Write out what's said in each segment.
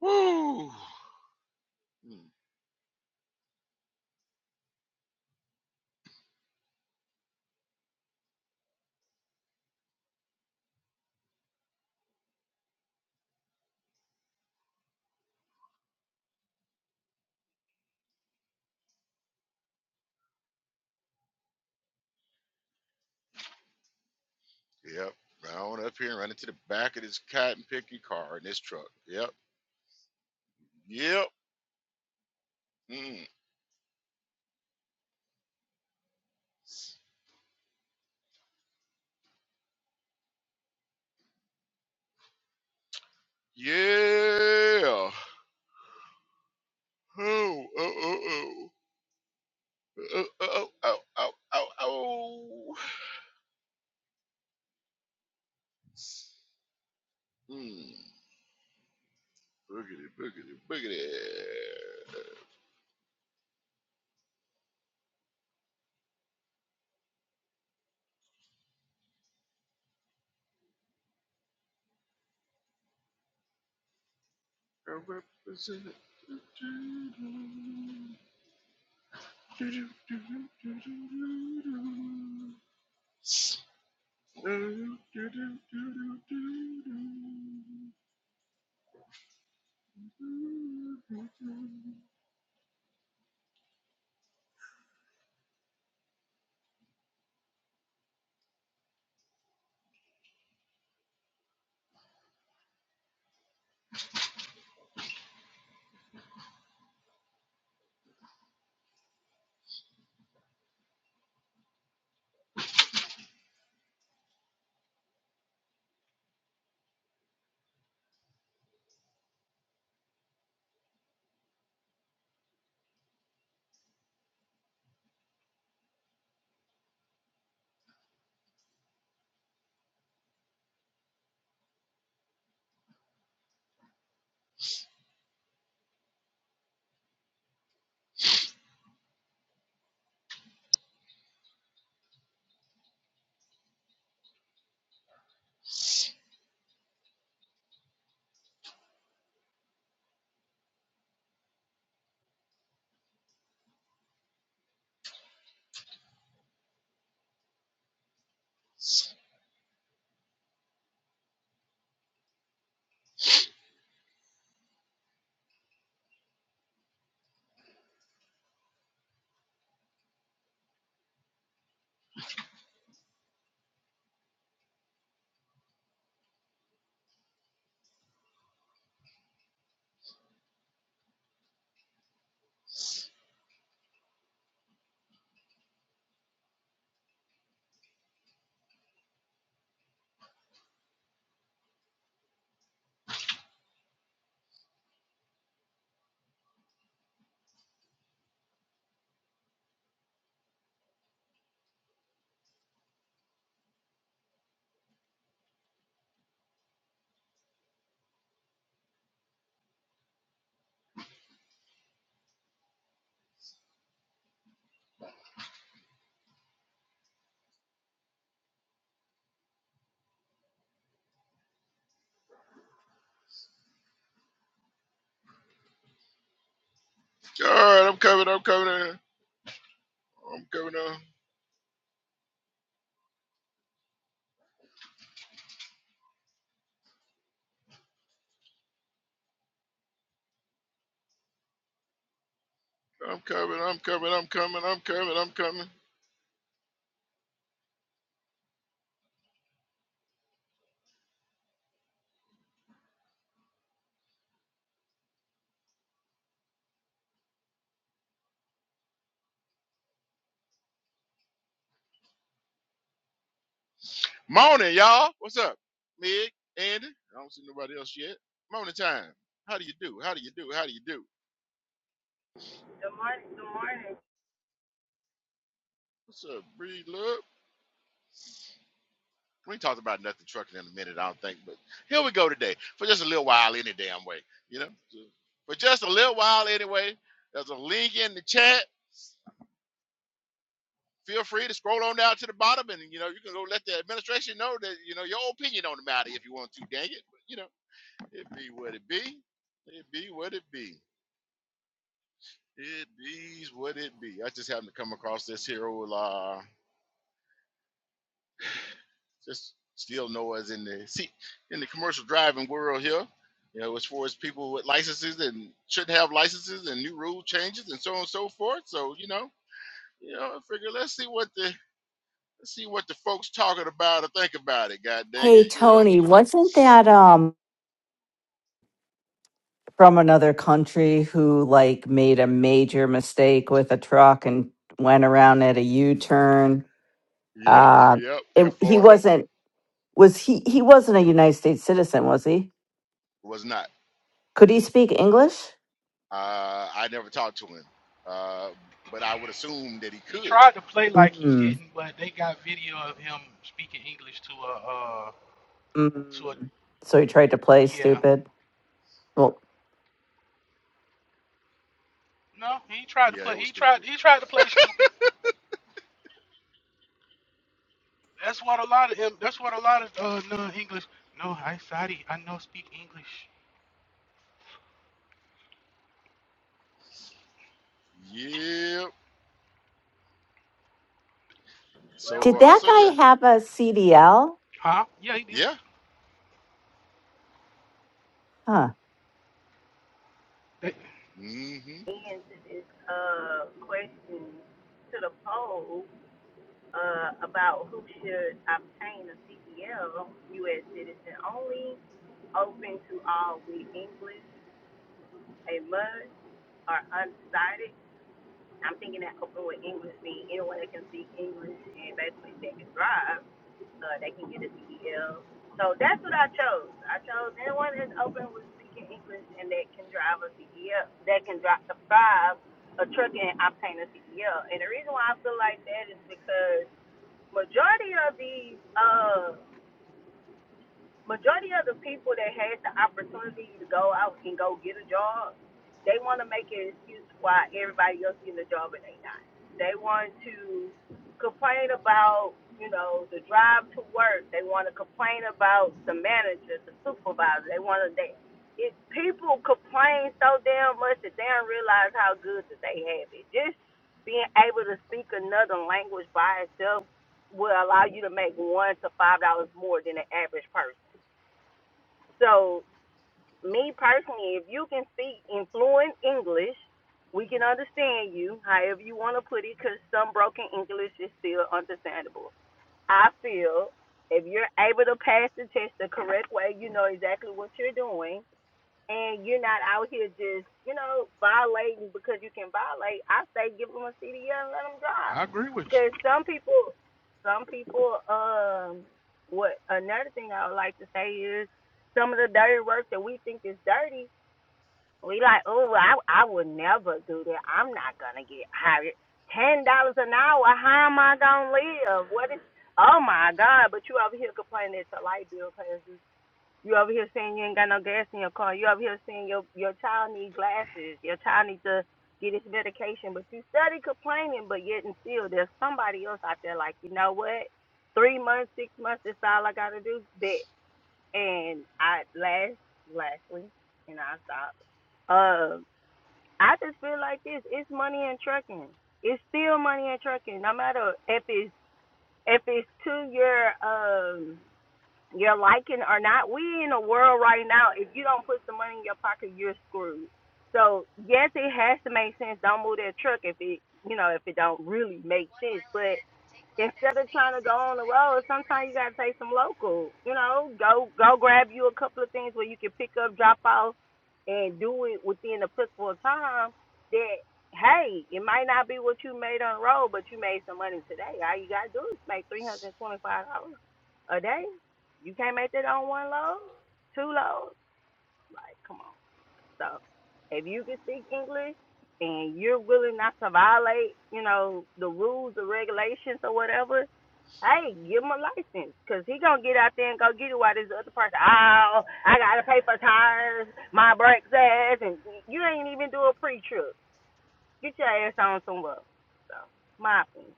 Woo! Hmm. Yep. Round up here and run into the back of this cotton picking car in this truck. Yep. Yep. Mm. Yeah. Oh, oh, oh, oh, Uh, oh, oh, oh, oh, oh. Mm. Boogity, boogity, boogity. I represent it. Do-do-do-do, do-do-do-do-do-do. All right, I'm coming, I'm coming, I'm coming, I'm coming, I'm coming, I'm coming, I'm coming, I'm coming. Morning, y'all. What's up? Mig, Andy. I don't see nobody else yet. Morning time. How do you do? How do you do? How do you do? What's up, Bree Love? We ain't talked about nothing trucking in a minute, I don't think, but here we go today for just a little while, any damn way, you know. So, for just a little while, anyway. There's a link in the chat. Feel free to scroll on down to the bottom, and you know you can go let the administration know that you know your opinion on the matter if you want to. Dang it, but, you know it be what it be. It be what it be. It be's what it be. I just happened to come across this here old uh. just still know us in the see in the commercial driving world here. You know, as far as people with licenses and shouldn't have licenses and new rule changes and so on and so forth. So you know, you know, I figure let's see what the let's see what the folks talking about or think about it. God dang Hey it, you know. Tony, So wasn't that um from another country who like made a major mistake with a truck and went around at a U-turn? yep, Uh yep. it, In he Florida wasn't was he he wasn't a United States citizen, was he? was not. Could he speak English? Uh, I never talked to him, uh, but I would assume that he He could. tried to play like he Mm, didn't, but they got video of him speaking English to a uh to a mm. So he tried to play yeah. stupid. Well, No, he tried to Yeah, it play. was He tried. stupid. He tried to play stupid. That's what a lot of him. That's what a lot of uh non-English. No, I Saudi. I know speak English. Yep. Well, So did we uh, that so yeah, guy have a CDL? Huh? Yeah, he did. yeah. Huh. They, Mm-hmm. began this uh, question to the poll uh, about who should obtain a CDL, U.S. citizen only, open to all with English, a must, or undecided. I'm thinking that open with English means anyone that can speak English and basically they can drive. uh, they can get a D E L. So that's what I chose. I chose anyone that's open with speaking English and that can drive a C D E L, that can drive, the five, a truck and obtain a C D E L. And the reason why I feel like that is because majority of these uh Majority of the people that had the opportunity to go out and go get a job, they want to make an excuse why everybody else getting a job and they not. They want to complain about, you know, the drive to work. They want to complain about the manager, the supervisor. They want to they it people complain so damn much that they don't realize how good that they have it. Just being able to speak another language by itself will allow you to make one to five dollars more than the average person. So, me personally, if you can speak in fluent English, we can understand you, however you want to put it, because some broken English is still understandable. I feel if you're able to pass the test the correct way, you know exactly what you're doing and you're not out here just, you know, violating because you can violate, I say give them a CDL and let them drive. I agree with you. Because some people, some people, um, what another thing I would like to say is some of the dirty work that we think is dirty, we like, oh, well, I, I would never do that. I'm not gonna get hired. Ten dollars an hour, how am I gonna live? What is? Oh my God! But you over here complaining that your light bill pays. You over here saying you ain't got no gas in your car. You over here saying your your child need glasses. Your child needs to get his medication. But you study complaining, but yet and still there's somebody else out there like, you know what? Three months, six months, that's all I gotta do. Bet. And I last lastly, and I stopped. Uh, I just feel like this. It's money in trucking. It's still money in trucking. No matter if it's if it's two year. um you're liking or not, we in a world right now, if you don't put some money in your pocket, you're screwed. So yes, it has to make sense. Don't move that truck if it you know, if it don't really make sense. But instead of trying to go on the road, sometimes you gotta take some local. You know, go go grab you a couple of things where you can pick up, drop off, and do it within a applicable time. That hey, it might not be what you made on the road, but you made some money today. All you gotta do is make three hundred and twenty five dollars a day. You can't make that on one load, two loads. Like, come on. So, if you can speak English and you're willing not to violate, you know, the rules or regulations or whatever, hey, give him a license because he gonna get out there and go get it while this other person, oh, I gotta pay for tires, my brakes ass, and you ain't even do a pre-trip. Get your ass on somewhere. So, my opinion.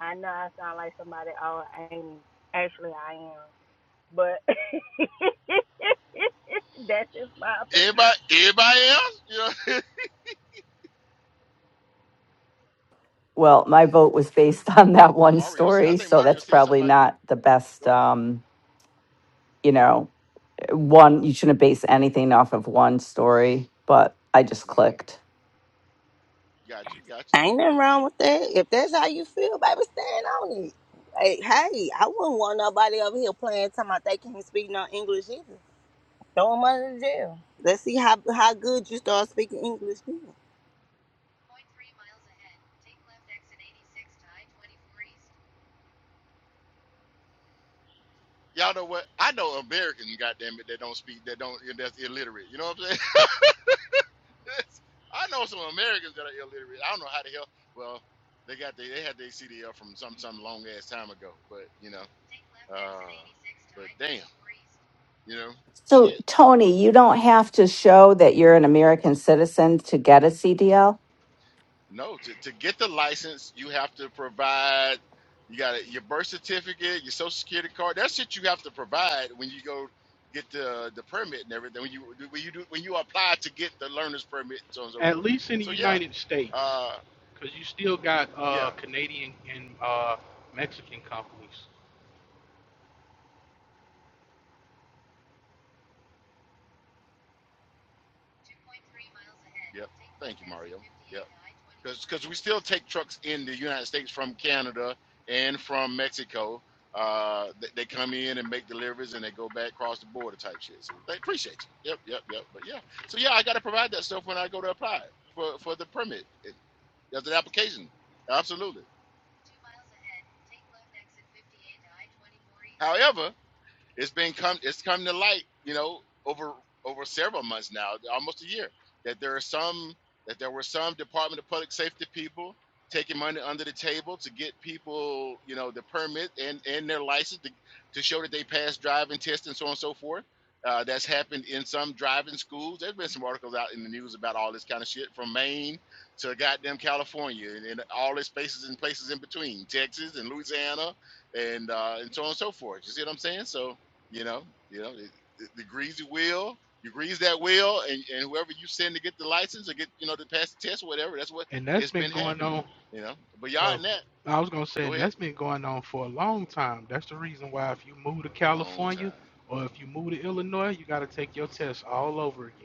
I know I sound like somebody. Oh, I ain't. Actually, I am. but that's just my opinion. Everybody, everybody else, you know. Well, my vote was based on that hey, one Mario said. I story, think so Mario that's said something probably about you. not the best Go ahead. um you know one, you shouldn't base anything off of one story, but I just Mm, clicked. gotcha, gotcha. Ain't Hey, nothing wrong with that. If that's how you feel, baby, stand on it. Hey, hey, I wouldn't want nobody over here playing talking about they can't speak no English either. Throw them under the jail. Let's see how how good you start speaking English then. Y'all know what? I know Americans, goddamn it, that don't speak, that don't, that's illiterate. You know what I'm saying? I know some Americans that are illiterate. I don't know how the hell. Well, they got they, they had their CDL from some some long ass time ago, but you know, uh, but damn, you know, So, shit. Tony, you don't have to show that you're an American citizen to get a CDL. No, to, to get the license, you have to provide you got your birth certificate, your social security card. That's shit you have to provide when you go get the the permit and everything. When you when you do when you apply to get the learner's permit and so on and so At forth. least in the So yeah, United States, uh, because you still got yeah, uh Canadian and uh Mexican companies, yep. Thank you, Mario. Yep. because because we still take trucks in the United States from Canada and from Mexico. Uh, they, they come in and make deliveries and they go back across the border type shit. So they appreciate you. Yep, yep, yep. But yeah, so yeah, I got to provide that stuff when I go to apply for for the permit. It, that's an application. Absolutely. However, it's been come it's come to light you know over over several months now almost a year that there are some that there were some department of public safety people taking money under the table to get people you know the permit and and their license to, to show that they passed driving tests and so on and so forth uh, that's happened in some driving schools there's been some articles out in the news about all this kind of shit from maine to goddamn california and, and all the spaces and places in between texas and louisiana and uh, and so on and so forth you see what i'm saying so you know, you know, it, it, the greasy wheel, you grease that wheel, and, and whoever you send to get the license or get, you know, to pass the test or whatever, that's what and that's it's been been going happening. on. You know, but y'all Oh, in that, I was gonna say, go and ahead, that's been going on for a long time. That's the reason why if you move to a long California time, or if you move to Illinois, you gotta take your test all over again.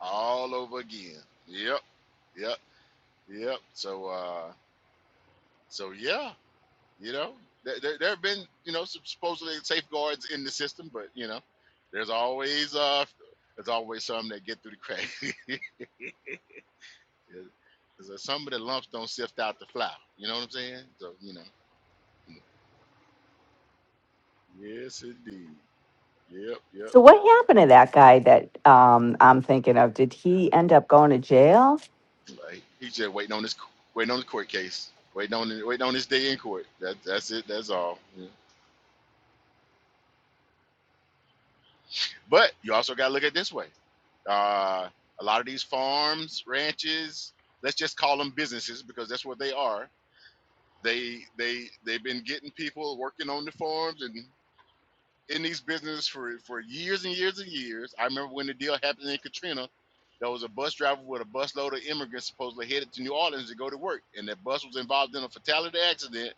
all over again. Yep, yep, yep. So, uh, so yeah, you know, there, there, there have been, you know, some supposedly safeguards in the system, but you know, there's always, uh, there's always some that get through the crack. Because some of the lumps don't sift out the flour. You know what I'm saying? So, you know. you know. Yes, indeed. Yep, yep, So, what yep. happened to that guy that um, I'm thinking of? Did he end up going to jail? Like, he's just waiting on his waiting on the court case. Waiting on the- waiting on his day in court. That, that's it. That's all. Yeah. But you also got to look at it this way. Uh, a lot of these farms, ranches, let's just call them businesses because that's what they are. They they they've been getting people working on the farms and. in these businesses for for years and years and years. I remember when the deal happened in Katrina, there was a bus driver with a busload of immigrants supposedly headed to New Orleans to go to work, and that bus was involved in a fatality accident,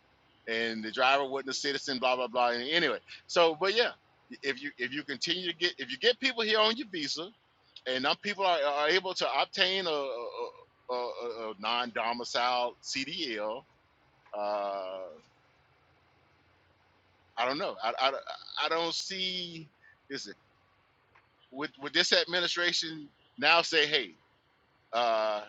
and the driver wasn't a citizen. Blah blah blah. And anyway, so but yeah, if you if you continue to get if you get people here on your visa, and now people are, are able to obtain a, a, a, a- non-domicile CDL. Uh, I don't know. I, I, I don't see. this. would would this administration now say, hey, uh,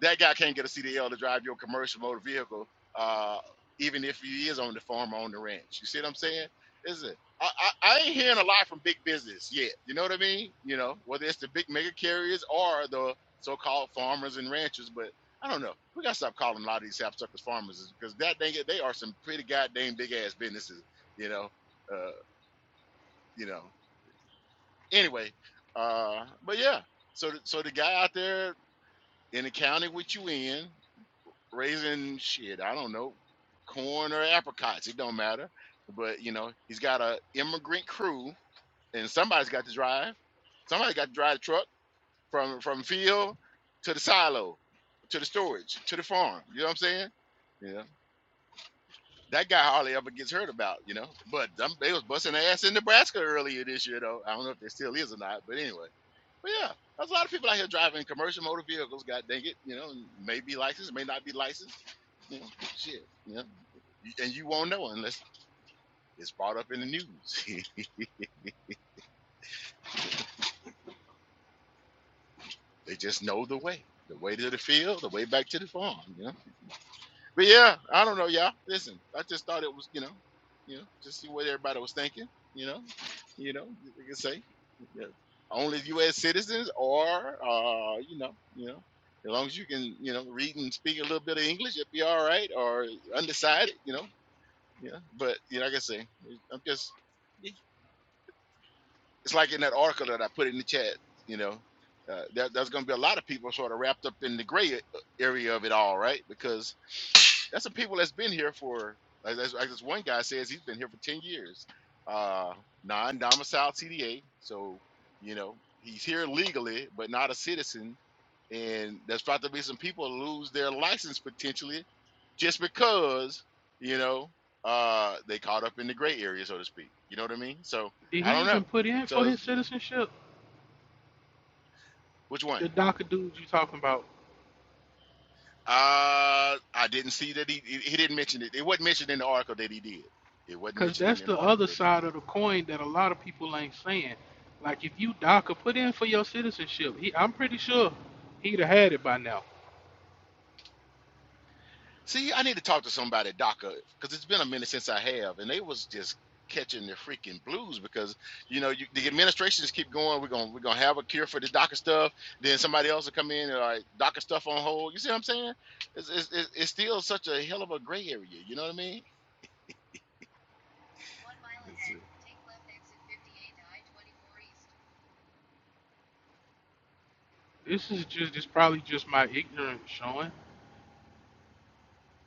that guy can't get a CDL to drive your commercial motor vehicle, uh, even if he is on the farm or on the ranch? You see what I'm saying? Is it? I, I, I ain't hearing a lot from big business yet. You know what I mean? You know, whether it's the big mega carriers or the so-called farmers and ranchers, but I don't know. We gotta stop calling a lot of these sapsuckers farmers because that dang it, they are some pretty goddamn big ass businesses. You know, uh, you know anyway, uh, but yeah, so the, so the guy out there in the county with you in raising shit, I don't know, corn or apricots, it don't matter. But you know, he's got a immigrant crew, and somebody's got to drive. Somebody got to drive the truck from from field to the silo, to the storage, to the farm. You know what I'm saying? Yeah. That guy hardly ever gets heard about, you know. But them, they was busting ass in Nebraska earlier this year, though. I don't know if there still is or not, but anyway But yeah, there's a lot of people out here driving commercial motor vehicles. God dang it, you know, and may be licensed, may not be licensed. You know, shit. You know, and you won't know unless it's brought up in the news. they just know the way, the way to the field, the way back to the farm. You know. But yeah, I don't know, y'all. Listen, I just thought it was, you know, you know, just see what everybody was thinking. You know, you know, you can say yeah, only U.S. citizens, or uh, you know, you know, as long as you can, you know, read and speak a little bit of English, it'll be all right. Or undecided, you know, yeah. But you know, like I say, I'm just, it's like in that article that I put in the chat. You know, uh, there, there's going to be a lot of people sort of wrapped up in the gray uh, area of it all, right? Because that's some people that's been here for, as, as, as this one guy says, he's been here for 10 years, uh, non domiciled CDA. So, you know, he's here legally, but not a citizen. And there's about to be some people who lose their license potentially just because, you know, uh, they caught up in the gray area, so to speak. You know what I mean? So, Did I he don't know. even put in for So, his citizenship? which one? The DACA dudes you talking about, Uh, I didn't see that he he he didn't mention it. It wasn't mentioned in the article that he did. It wasn't 'cause mentioned in, that's in the the article other that he side did. of the coin that a lot of people ain't saying. Like if you DACA, put in for your citizenship. He, I'm pretty sure he'd have had it by now. See, I need to talk to somebody at DACA because it's been a minute since I have, and they was just catching the freaking blues because you know you, the administrations keep going. We're gonna we're gonna have a cure for the DACA stuff. Then somebody else will come in and like DACA stuff on hold. You see what I'm saying? It's it's, it's it's still such a hell of a gray area. You know what I mean? It's, uh, This is just, it's probably just my ignorance showing.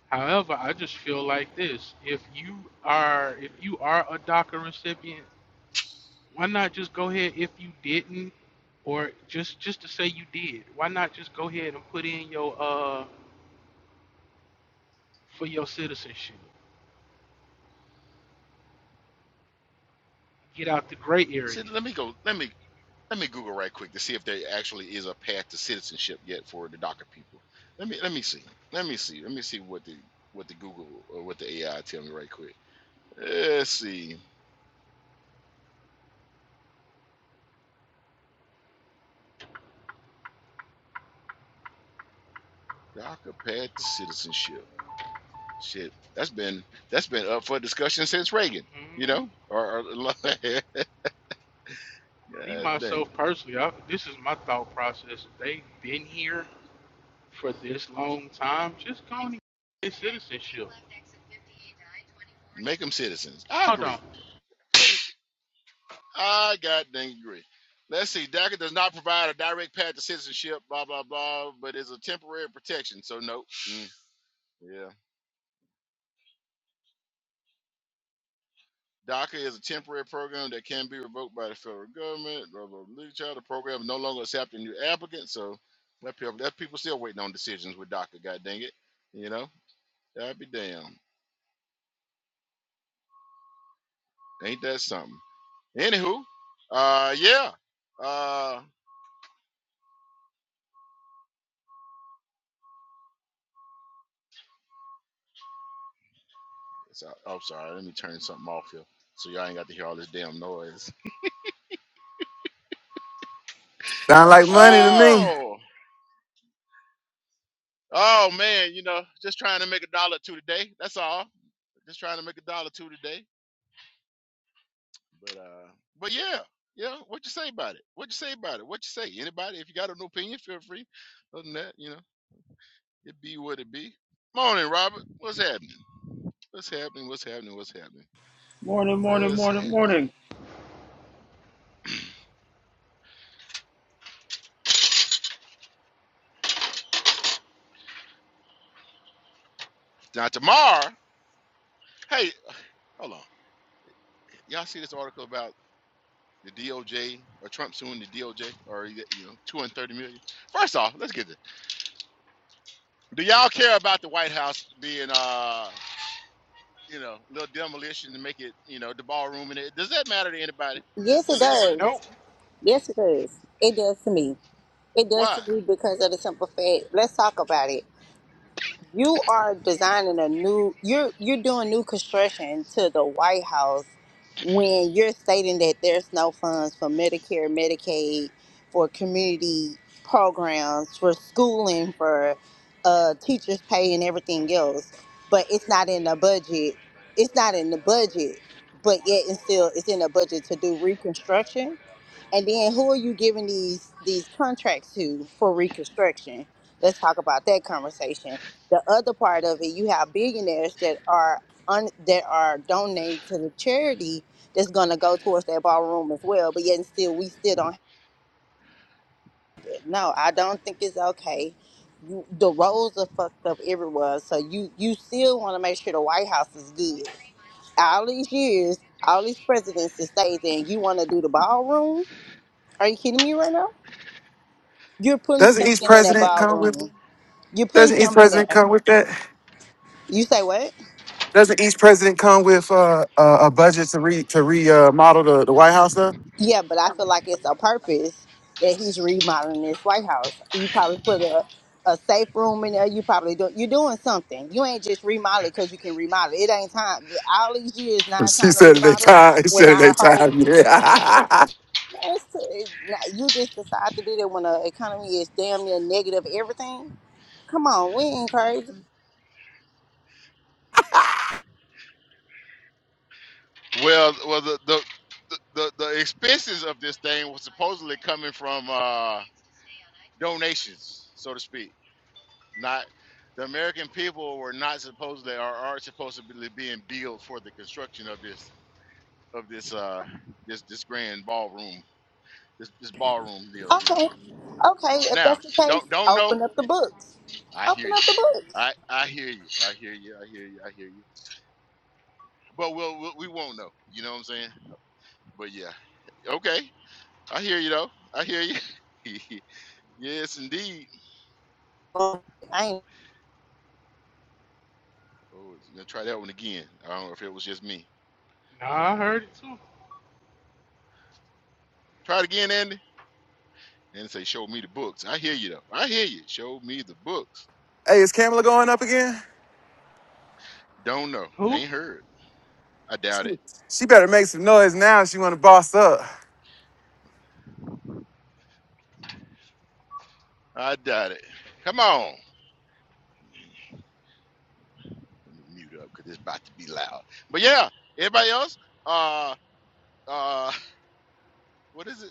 However, I just feel like this: if you are if you are a DACA recipient, why not just go ahead if you didn't, or just just to say you did? Why not just go ahead and put in your uh for your citizenship? Get out the gray see, area. let me go. Let me let me Google right quick to see if there actually is a path to citizenship yet for the DACA people. Let me let me see. Let me see. Let me see what the what the Google or what the AI tell me right quick. Let's see. DACA path to citizenship. Shit, that's been that's been up for discussion since Reagan. You hmm know, or, or God Me dang, myself personally, I, this is my thought process. If They've been here for this long time. Just go and get citizenship. make them citizens. I Hold agree. on. I god dang agree. Let's see. DACA does not provide a direct path to citizenship. Blah blah blah, but it's a temporary protection. So nope. Mm, yeah. DACA is a temporary program that can be revoked by the federal government. Blah blah blah. blah. The program is no longer accepting new applicants. So that people, that people still waiting on decisions with DACA. God dang it, you know. I'd be damned. Ain't that something? Anywho, uh, yeah. Uh, so, oh, sorry. Let me turn something off here, so y'all ain't got to hear all this damn noise. Sound like money to me. Oh, oh man. You know, just trying to make a dollar or two today. That's all. Just trying to make a dollar or two today. But uh, but yeah, yeah. What you say about it? What you say about it? What you say? Anybody, if you got an opinion, feel free. Other than that, you know, it be what it be. Morning, Robert. What's happening? What's happening? What's happening? What's happening? Morning, morning, What's morning, happening? morning. Now tomorrow, hey, hold on. Y'all see this article about the DOJ or Trump suing the DOJ or you know, two hundred thirty million? First off, let's get this. Do y'all care about the White House being uh? you know, little demolition to make it, you know, the ballroom. And it does that matter to anybody? Is, Yes, it is anybody does. Nope. Yes, it does. It does to me. It does why? to me because of the simple fact. Let's talk about it. you are designing a new you're you're doing new construction to the White House when you're stating that there's no funds for Medicare, Medicaid, for community programs, for schooling, for uh, teachers pay and everything else, but it's not in the budget. It's not in the budget, but yet it's still it's in the budget to do reconstruction. And then who are you giving these these contracts to for reconstruction? Let's talk about that conversation. The other part of it, you have billionaires that are un, that are donating to the charity that's going to go towards that ballroom as well. But yet and still, we still don't. No, I don't think it's okay. You, the roads are fucked up everywhere, so you you still want to make sure the White House is good. All these years, all these presidents that stayed there, and you want to do the ballroom? Are you kidding me right now? You're putting Doesn't each something in that president come with? ballroom. You're putting Doesn't each something in president there. come with that? You say what? Doesn't each president come with uh, a, a budget to re to remodel uh, the, the White House? Though Yeah, but I feel like it's a purpose that he's remodeling this White House. You probably put a, a safe room in there. You probably do. You're doing something. You ain't just remodeling because you can remodel. It ain't time. All these years, now it's she time to said it ain't remodel. time. She When said it our ain't whole time. Yeah. it's, it, you just decide to do that when the economy is damn near negative everything. Come on, we ain't crazy. Well, well, the the, the the the expenses of this thing was supposedly coming from uh donations, so to speak. Not the American people were not supposedly or are supposed to be being billed for the construction of this of this uh this this grand ballroom this this ballroom deal. You Okay. know, Okay, if now that's the case, don't don't know. open up the books. I hear Open you. up the books. I I hear you. I hear you. I hear you. I hear you. But we'll, we'll we won't know. You know what I'm saying? But yeah, okay. I hear you though. I hear you. yes, indeed. Oh, I ain't Oh, you going try that one again? I don't know if it was just me. Nah, I heard it too. Try it again, Andy. And say, show me the books. I hear you though. I hear you. Show me the books. hey, is Kamala going up again? Don't know. Who? Ain't heard. I doubt She, it. she better make some noise now. If she want to boss up. I doubt it. Come on. Let me mute up because it's about to be loud. But yeah, everybody else, uh, uh, what is it?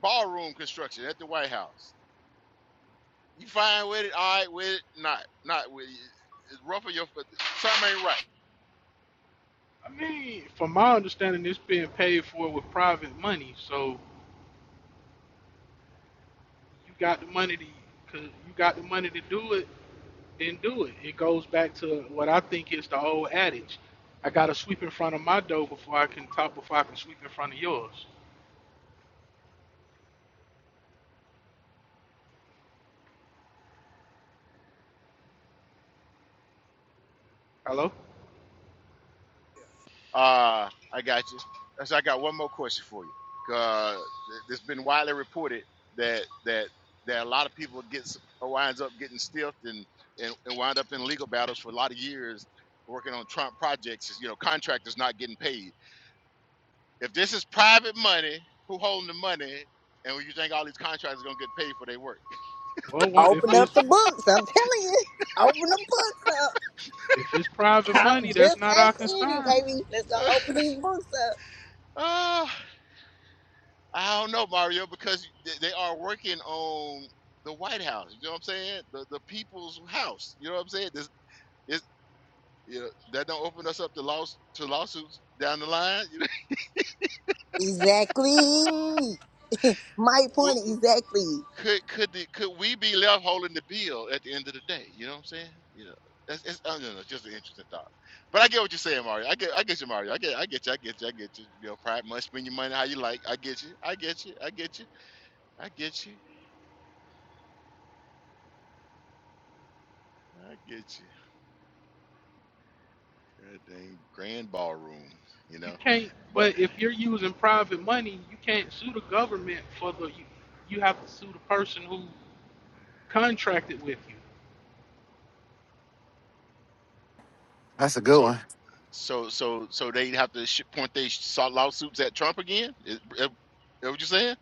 Ballroom construction at the White House. You fine with it? All right with it? Not, not with it. It's rough on your foot. Something ain't right. I mean, from my understanding, it's being paid for with private money. So you got the money to, cause you got the money to do it, then do it. It goes back to what I think is the old adage: I gotta sweep in front of my door before I can talk, before I can sweep in front of yours. Hello? Uh, I got you. So I got one more question for you. Uh, it's been widely reported that that that a lot of people gets uh, winds up getting stiffed and, and and wind up in legal battles for a lot of years working on Trump projects. is, You know, contractors not getting paid. If this is private money, who holding the money? And you think all these contractors are gonna get paid for their work? Well, one- if open up it's the books. I'm telling you. Open the books up. if it's private Talk, money, that's just not our ask Eddie, concern. baby. Let's go open these books up. uh, I don't know, Mario, because they they are working on the White House. You know what I'm saying? The the people's house. You know what I'm saying? This is you know, that don't open us up to laws to lawsuits down the line. You know, Exactly. My well, point exactly. could could the could we be left holding the bill at the end of the day? You know what I'm saying? You know. That's, it's, I don't know, just an interesting thought, but I get what you're saying, Mario. I get, I get you, Mario. I get, I get you, I get you, I get you. You know, pride must spend your money how you like. I get you, I get you, I get you, I get you, I get you. That dang grand ballroom, you You know. can't. But But if you're using private money, you can't sue the government for the. You, you have to sue the person who contracted with you. That's a good so one. so so so they have to sh- point their saw lawsuits at Trump again. Is, is, is what you saying?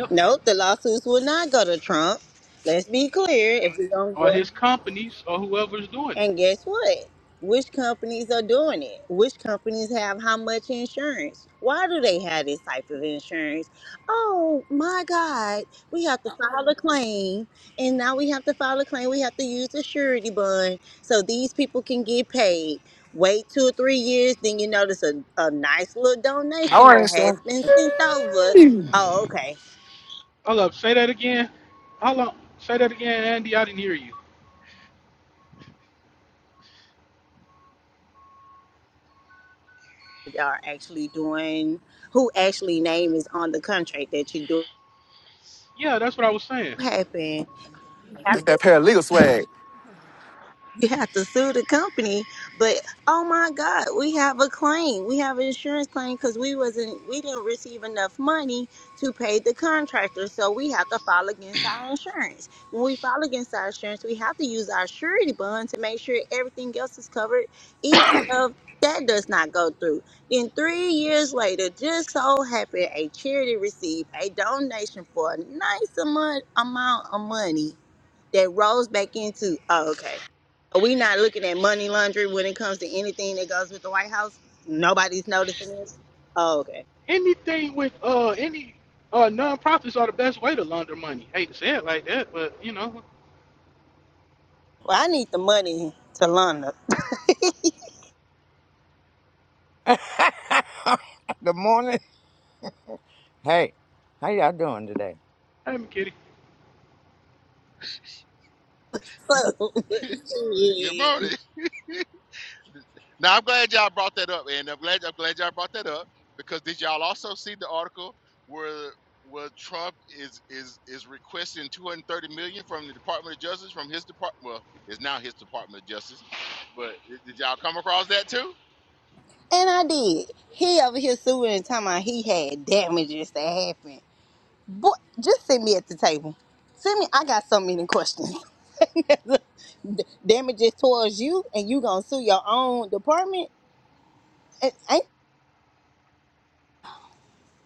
Yep. No, the lawsuits will not go to Trump. Let's be clear. If we're gonna or go his companies or whoever's doing it. And guess what? Which companies are doing it? Which companies have how much insurance? Why do they have this type of insurance? Oh my God, we have to file a claim. And now we have to file a claim. We have to use a surety bond so these people can get paid. Wait two or three years, then you notice a, a nice little I donation want to that show. has been sent over. Oh, okay. Hold up, say that again. Hold up, say that again, Andy. I didn't hear you. Are actually doing who actually name is on the contract that you do Yeah, that's what I was saying. happen That's that paralegal swag. You have to sue the company, but oh my God, we have a claim. We have an insurance claim because we wasn't, we didn't receive enough money to pay the contractor, so we have to file against our insurance. When we file against our insurance, we have to use our surety bond to make sure everything else is covered, even if that does not go through. Then three years later, just so happened, a charity received a donation for a nice amount amount of money that rolls back into oh okay Are we not looking at money laundering when it comes to anything that goes with the white house nobody's noticing this oh okay Anything with uh any uh non-profits are the best way to launder money. Hate to say it like that, but you know, well i need the money to launder Good morning. Hey, how y'all doing today? hey, me kitty, So, Good yeah. morning. now I'm glad y'all brought that up, and I'm glad I'm glad y'all brought that up because did y'all also see the article where where Trump is is is requesting 230 million from the Department of Justice from his department? Well, it's now his Department of Justice, but did did y'all come across that too? and i did he over here suing and talking about he had damages that happened boy just sit me at the table send me i got so many questions damages towards you and you gonna sue your own department it ain't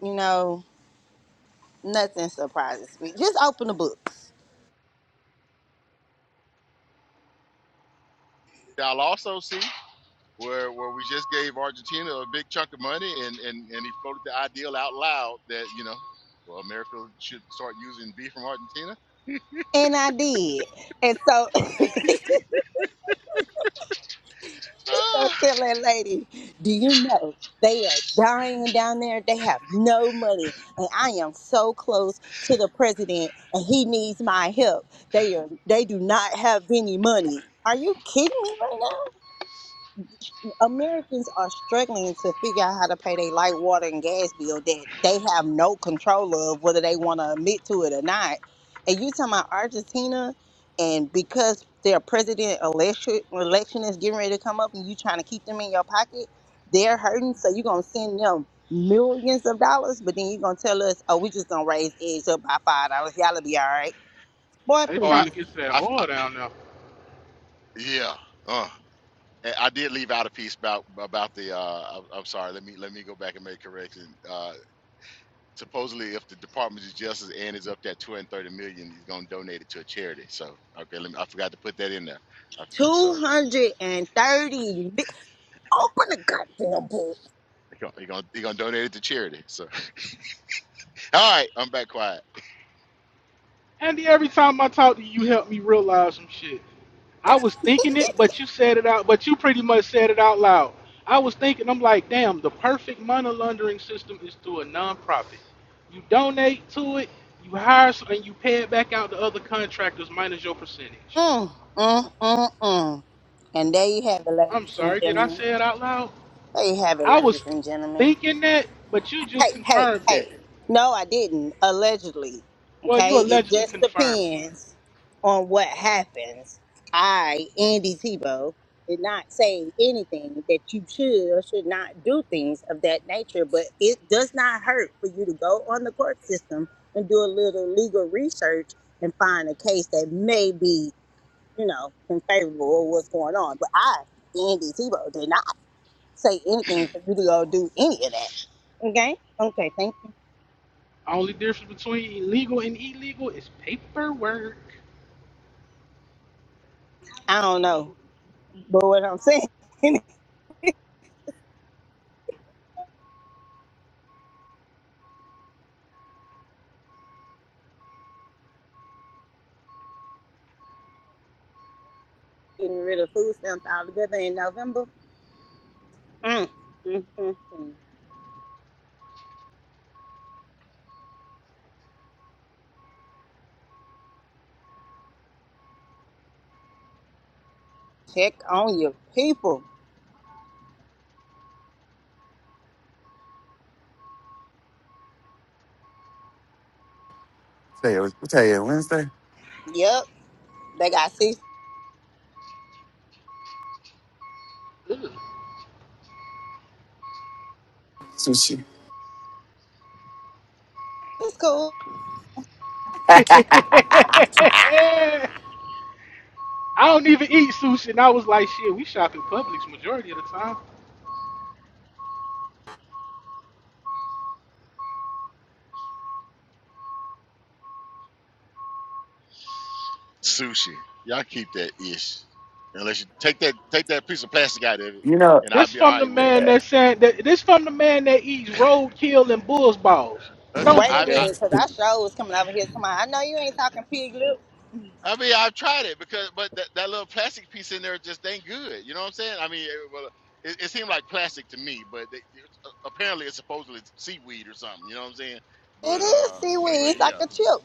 you know Nothing surprises me. Just open the books. Y'all also see. where where we just gave Argentina a big chunk of money, and and and he floated the ideal out loud that you know, well, America should start using beef from Argentina. And I did. And so, so tell that lady, do you know they are dying down there? They have no money. And I am so close to the president and he needs my help. They are they do not have any money. Are you kidding me right now? Americans are struggling to figure out how to pay their light, water, and gas bill that they have no control of, whether they want to admit to it or not. And you talking about Argentina, and because their president election election is getting ready to come up, and you trying to keep them in your pocket, they're hurting. So you're gonna send them millions of dollars, but then you're gonna tell us, oh, we just gonna raise eggs up by five dollars. Y'all'll be all right, boy. they Ah, oh, I, trying to Please, get to that I, oil I- down there. yeah, uh, and I did leave out a piece about about the. Uh, I'm, I'm sorry. Let me let me go back and make a correction. Uh, supposedly, if the Department of Justice and is up that 230 million, he's gonna donate it to a charity. So okay, let me, I forgot to put that in there. Uh, two so hundred and thirty. Open the goddamn book. he's gonna, he gonna he gonna donate it to charity. So all right, I'm back quiet. Andy, every time I talk to you, you help me realize some shit. I was thinking it, but you said it out. But you pretty much said it out loud. I was thinking. I'm like, damn. The perfect money laundering system is through a nonprofit. You donate to it, you hire, some, and you pay it back out to other contractors minus your percentage. Mm, mm, mm, mm. And there you have it, I'm ladies and sorry. Did I gentlemen. say it out loud? There you have it, I ladies was and gentlemen. thinking that, but you Hey, just hey, confirmed that. hey. No, I didn't. Allegedly. Well, Okay? you It allegedly just confirmed it. depends on what happens. I, Andy Tebow, did not say anything that you should or should not do things of that nature, but it does not hurt for you to go on the court system and do a little legal research and find a case that may be you know, in favor of what's going on. But I, Andy NDT, did not say anything because we don't do any of that. Okay? Okay, thank you. Only difference between legal and illegal is paperwork. I don't know. But what I'm saying, getting rid of food stamps altogether in November, mm, mm, mm, mm. check on your people. Tell you, what tell you Wednesday. Yep, they got six Ugh. So she, cool. I don't even eat sushi, and I was like, shit, we shop in Publix majority of the time. Sushi. Y'all keep that ish. Unless you take that take that piece of plastic out of it, you know. and I'll This be all from the right with it. man that said that this from the man that eats roadkill and bull's balls. Listen, Don't Wait a do I I, that. minute, because I sure was coming over here. Come on, I know you ain't talking pig lips. I mean I've tried it because but that, that little plastic piece in there just ain't good. You know what I'm saying? I mean, it, well, it, it seemed like plastic to me, but they, apparently it's supposedly seaweed or something. You know what I'm saying? It But is uh, seaweed. but It's like yeah, a chip.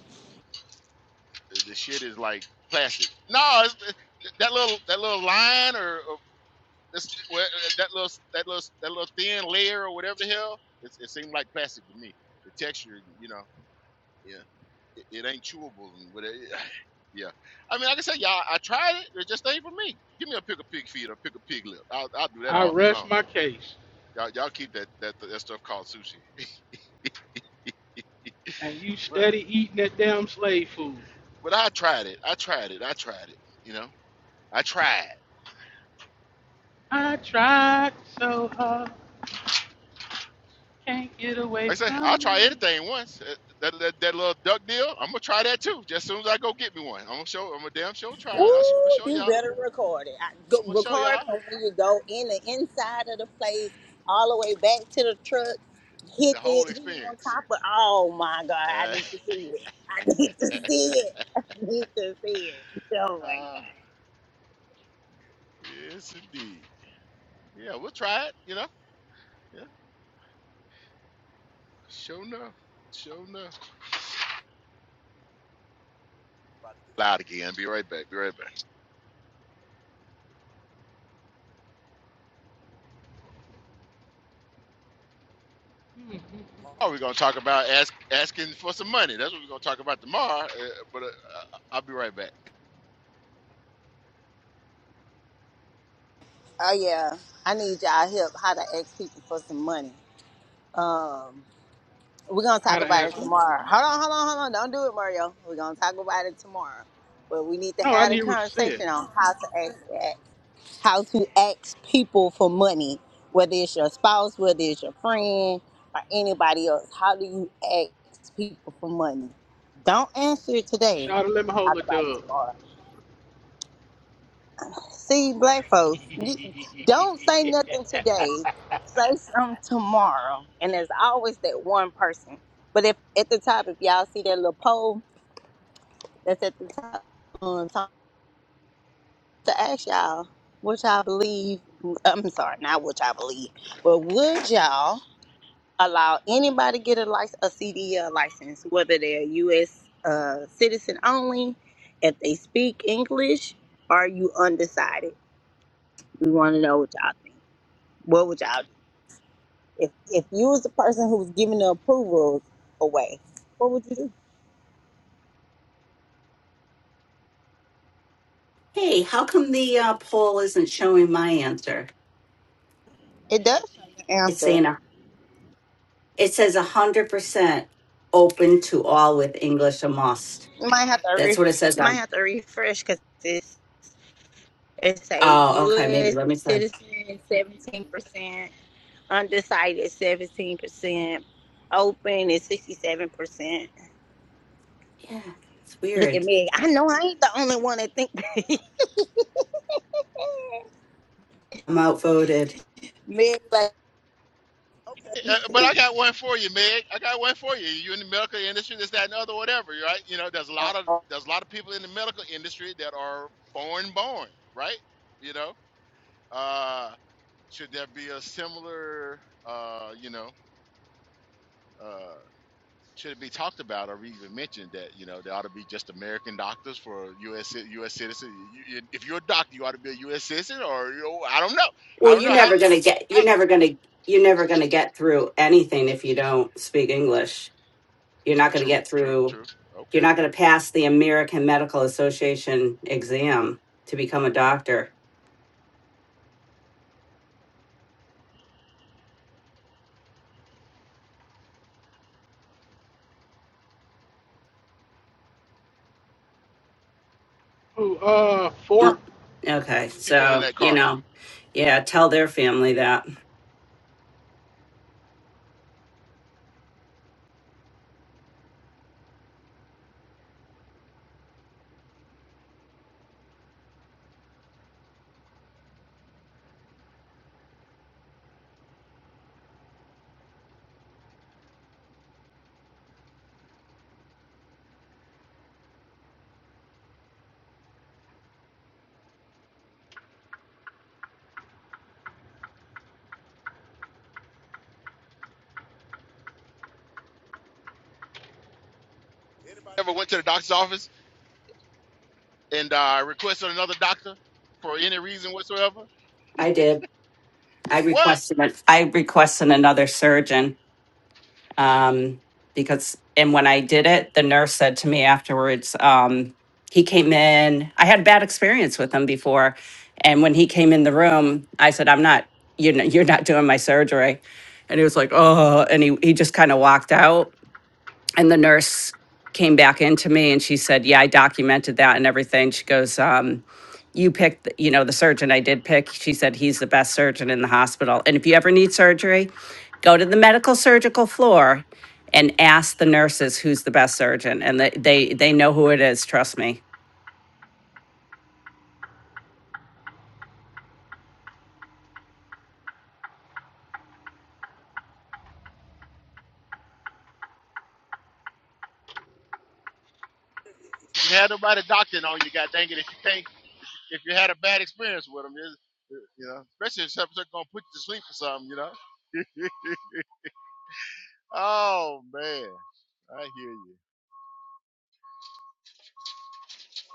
the the shit is like plastic. No, it's, that little that little line or, or That's well, uh, that little that little that little thin layer or whatever the hell. It, it seemed like plastic to me. The texture, you know, yeah, it, it ain't chewable and whatever. Yeah, I mean, like I said, y'all, I tried it. It just ain't for me. Give me a pick a pig feet or pick a pig lip. I'll, I'll do that I all day long. rest my case, Y'all, y'all keep that that that stuff called sushi. and you But steady eating that damn slave food. but I tried it. I tried it. I tried it. You know, I tried. I tried so hard, can't get away Like I say, I'll from try me. anything once. Uh, That, that, that little duck deal, I'm gonna try that too. Just as soon as I go get me one, I'm gonna show. I'm gonna damn show try it. I sh- I'm gonna Ooh, show you y'all. better record it. I, go, I'm gonna show record y'all from when you go in the inside of the place, all the way back to the truck. Hit the whole it, hit it on experience. top of. Oh my God, I Uh, need to see it. I need to see it. I need to see it. Oh my uh, God. yes, indeed. Yeah, we'll try it. You know. Yeah. Show enough. Show enough. Loud again. Be right back. Be right back. Mhm. Oh, we're gonna talk about ask, asking for some money. That's what we're gonna talk about tomorrow. Uh, but uh, I'll be right back. Oh yeah, I need y'all help how to ask people for some money. Um, we're gonna How talk to about it ask who? tomorrow. Hold on, hold on, hold on. Don't do it, Mario. We're gonna talk about it tomorrow. But we need to No, I have didn't a hear what you said. conversation on how to ask that. how to ask people for money, whether it's your spouse, whether it's your friend, or anybody else. How do you ask people for money? Don't answer it today. Shout out, let me hold Talk a about it dub. tomorrow. See, black folks, you, don't say nothing today. Say something tomorrow. And there's always that one person. But if at the top, if y'all see that little poll that's at the top, um, to ask y'all what y'all believe. I'm sorry, not what y'all believe, but would y'all allow anybody to get a license, a CDL license, whether they're a U.S. Uh, citizen only, if they speak English, are you undecided? We want to know what y'all think. What would y'all do if if you was the person who was giving the approvals away? What would you do? Hey, how come the uh, poll isn't showing my answer? It does show your It's answer. saying a, it says hundred percent open to all with English a must. You might have to That's re- what it says you might on. have to refresh because it's It's a Oh, okay, maybe U.S. let me see. citizen, 17%, undecided, 17%, open is 67%. Yeah, it's Look at weird. me. I know I ain't the only one that think I'm outvoted. me, but Uh, but I got one for you, Meg. I got one for you. You're in the medical industry, this, that, and the other, whatever, right? You know, there's a lot of there's a lot of people in the medical industry that are foreign born, right? You know, uh, should there be a similar, uh, you know, uh, should it be talked about or even mentioned that you know there ought to be just American doctors for U.S. ci- U.S. citizen? You, you- if you're a doctor, you ought to be a U.S. citizen, or you know, I don't know. I Well, don't know you're how. never gonna get. how You're never gonna. You're never gonna get through anything if you don't speak English. You're not gonna true, get true, through. true. You're Okay, not gonna pass the American Medical Association exam to become a doctor. Who? Uh, four. Well, okay, people in so that car. you know, yeah. Tell their family that Anybody ever went to the doctor's office and uh, requested another doctor for any reason whatsoever? I did. I What? requested. it- I requested another surgeon um, because and when I did it, the nurse said to me afterwards, um, he came in. I had a bad experience with him before, and when he came in the room, I said, "I'm not. You're not, you're not doing my surgery," and he was like, "Oh," and he he just kind of walked out. And the nurse came back into me, and she said, "Yeah, I documented that and everything." She goes, um, "You picked, the- you know, the surgeon I did pick." She said, "He's the best surgeon in the hospital, and if you ever need surgery." go to the medical surgical floor and ask the nurses who's the best surgeon and they they, they know who it is trust me you You had nobody doctoring on you, god dang it, if you can't, if you had a bad experience with them, you you know, especially if something's gonna put you to sleep or something, you know? oh, man, I hear you.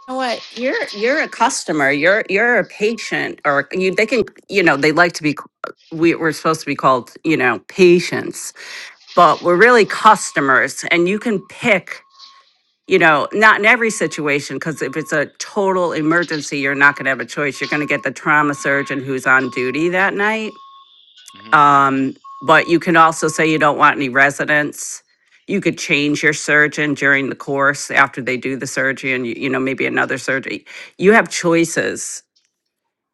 know what you're you're a Yeah. customer you're you're a patient or you they can you know they like to be we, we're supposed to be called you know patients but we're really customers and you can pick you know not in every situation because if it's a total emergency you're not going to have a choice you're going to get the trauma surgeon who's on duty that night Mhm. Um, but you can also say you don't want any residents. You could change your surgeon during the course after they do the surgery and, you you know, maybe another surgery. You have choices.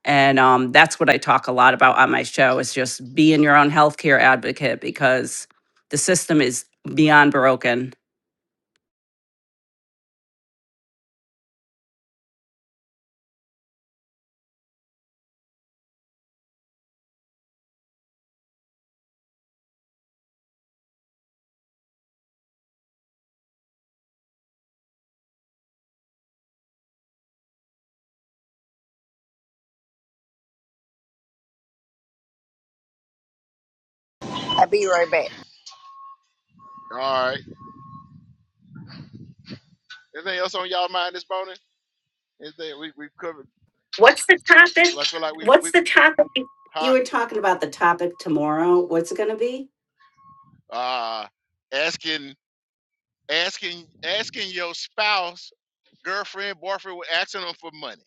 And um, that's what I talk a lot about on my show is just being your own healthcare advocate because the system is beyond broken. I'll be right back. All right. Anything else on y'all mind this morning? Anything we, we've covered? What's I feel like we, what we you huh? were talking about the topic tomorrow? What's it going to be? Uh, asking. asking asking your spouse, girlfriend, boyfriend, asking them for money.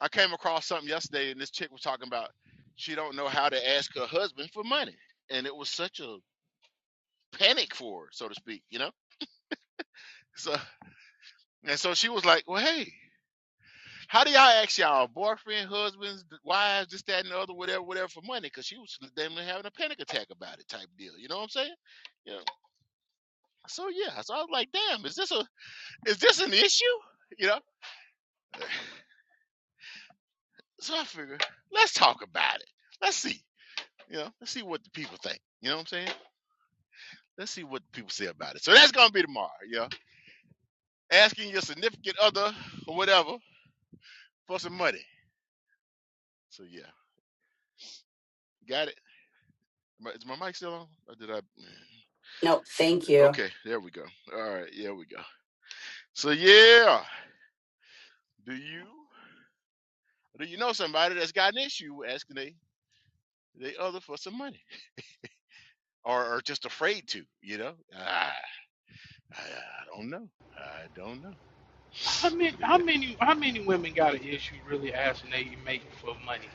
I came across something yesterday, and this chick was talking about she don't know how to ask her husband for money, and it was such a panic for her, so to speak, you know. So and so she was like, "Well, hey, how do y'all ask y'all boyfriend, husbands, wives, this, that, and the other, whatever, whatever, for money?" Because she was damn near having a panic attack about it, type deal. You know what I'm saying? Yeah. So yeah, so I was like, "Damn, is this a is this an issue?" You know. So I figure, let's talk about it. Let's see. You know, let's see what the people think. You know what I'm saying? Let's see what the people say about it. So that's gonna be tomorrow, yeah. Asking your significant other or whatever for some money. So yeah, got it. Is My- mic still on? Or did I? No, thank you. Okay, there we go. All right, there we go. So yeah, do you do you know somebody that's got an issue asking they they other for some money or or just afraid to? You know, I I, I don't know. I don't know. How many, But yeah. how many, how many women got an issue really asking they make for money?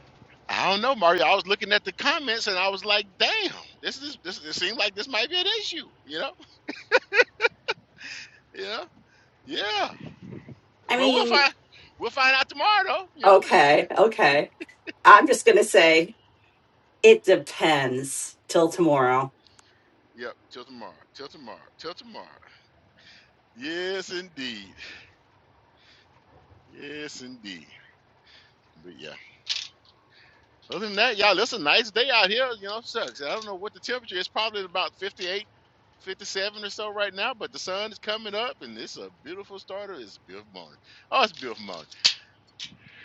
I don't know, Mario. I was looking at the comments and I was like, damn, this is this it seems like this might be an issue, you know? Yeah. Yeah. I But we'll mean, find we'll find out tomorrow though, you know? okay, okay. I'm just going to say It depends till tomorrow. Yep, till tomorrow. Till tomorrow. Till tomorrow. Yes indeed. Yes indeed. But yeah. Other than that, y'all, it's a nice day out here, you know, sucks. I don't know what the temperature is, probably about 58, 57 or so right now, but the sun is coming up and it's a beautiful starter. It's a beautiful morning. Oh, it's a beautiful morning.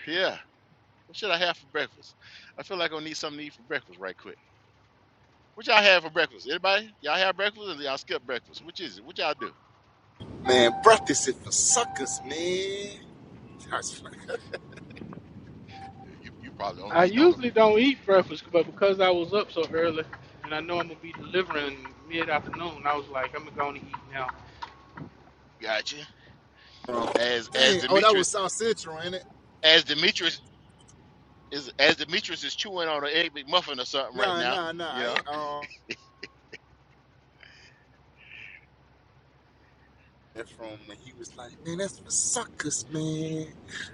Yeah. What should I have for breakfast? I feel like I need something to eat for breakfast right quick. What y'all have for breakfast? Anybody? Y'all have breakfast or y'all skip breakfast? Which is it? What y'all do? Man, practice it for suckers, man. That's funny. Yeah, You you probably on I eating on the usually don't eat breakfast, but because I was up so early, and I know I'm gonna be delivering mid afternoon, I was like, I'm gonna go to eat now. gotcha. Um, As as dang. Oh, that was Demetrius South Central, ain't it? as Demetrius is as Demetrius is chewing on an egg McMuffin or something right Nah, now, nah, nah. you I know. ain't, um, that's from when he was like, man, that's for suckers, man.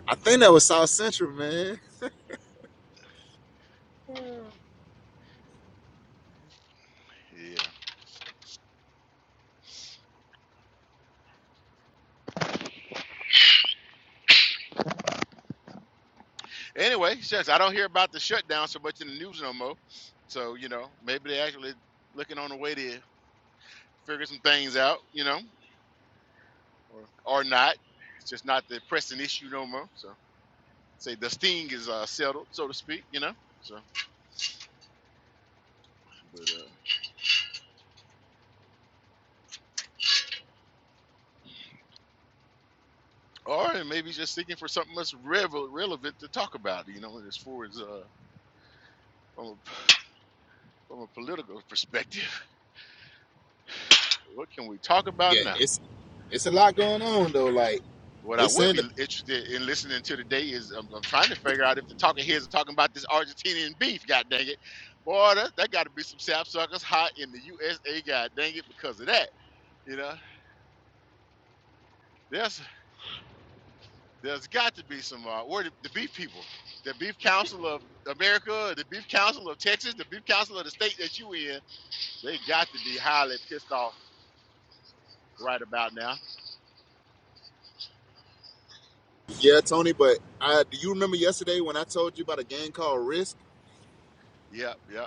I think that was South Central, man. Yeah. Anyway, shucks, I don't hear about the shutdown so much in the news no more. So you know, maybe they actually looking on the way to figure some things out, you know, or or not. It's just not the pressing issue no more. So. say the sting is uh, settled, so to speak, you know. So, but uh, or maybe just thinking for something that's revel- relevant to talk about, you know, as far as uh, from a, from a political perspective, what can we talk about Yeah, now? it's it's a lot going on though. Like What I they would saying be the interested in listening to today is I'm, I'm trying to figure out if the talking heads are talking about this Argentinian beef. God dang it, boy, that, that got to be some sapsuckers hot in the USA. God dang it, because of that, you know. There's There's got to be some. Uh, where the, the beef people, the Beef Council of America, the Beef Council of Texas, the Beef Council of the state that you in. They got to be highly pissed off right about now. yeah, Tony. But I do you remember yesterday when I told you about a game called Risk? Yep, yep.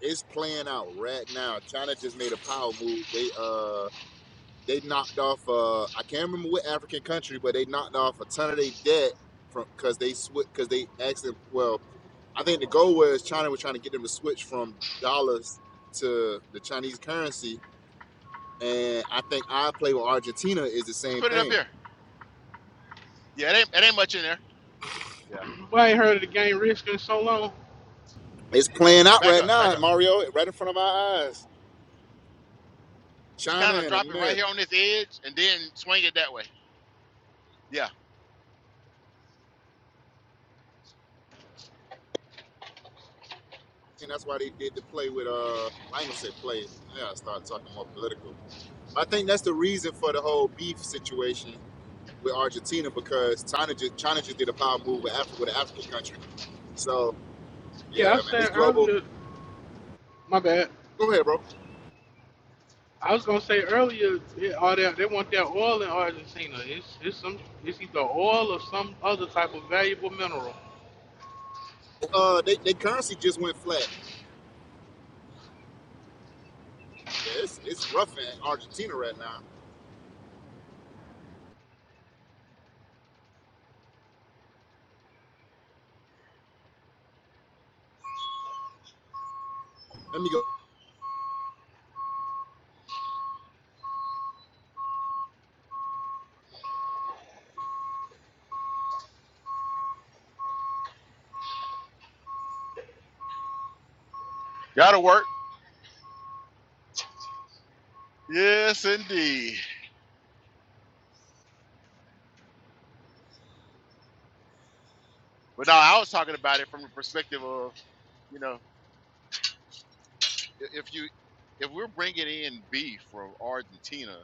It's playing out right now. China just made a power move. They uh they knocked off uh I can't remember what African country, but they knocked off a ton of their debt from because they switch because they asked them. Well, I think the goal was China was trying to get them to switch from dollars to the Chinese currency, and I think I play with Argentina is the Just same put it up thing. here. Yeah, it ain't it ain't much in there. Yeah. Well, I ain't heard of the game risk in so long. It's playing out Back right up, back now, up. Mario, right in front of our eyes. Just China kind of and drop it right America, here on this edge and then swing it that way. Yeah. and that's why they did the play with uh. I ain't gonna say play. I gotta start talking more political. I think that's the reason for the whole beef situation with Argentina because China just China just did a power move with Africa with an African country. So Yeah, I yeah, man, it's said global. earlier, my bad. Go ahead, bro. I was gonna say earlier, yeah, all that they want that oil in Argentina. It's it's some it's either oil or some other type of valuable mineral. Uh, they, they currency just went flat. Yeah, it's it's rough in Argentina right now. Let me go. Gotta work. Yes, indeed. But no, I was talking about it from the perspective of you know if you if we're bringing in beef from Argentina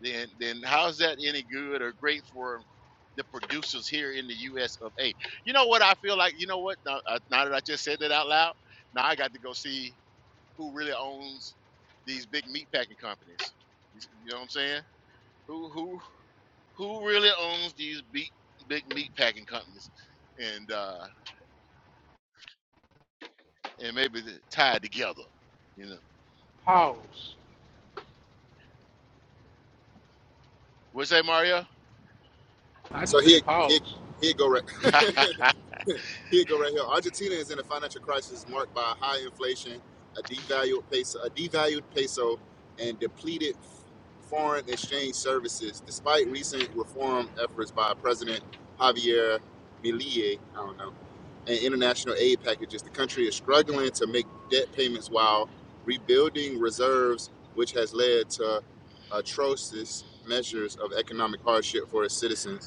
then then how's that any good or great for the producers here in the U.S. of A? You know what I feel like? You know what? Now, uh, now that I just said that out loud, now I got to go see who really owns these big meat packing companies. You s- you know what I'm saying? Who who who really owns these big big meat packing companies? And uh and maybe they're tied together. You know. Pause. What's that, Mario? I So just here, said here, pause. here go right. here go right here. Argentina is in a financial crisis marked by high inflation, a devalued peso, a devalued peso, and depleted foreign exchange services. Despite recent reform efforts by President Javier Milei, I don't know, and international aid packages, the country is struggling to make debt payments while rebuilding reserves, which has led to atrocious measures of economic hardship for its citizens.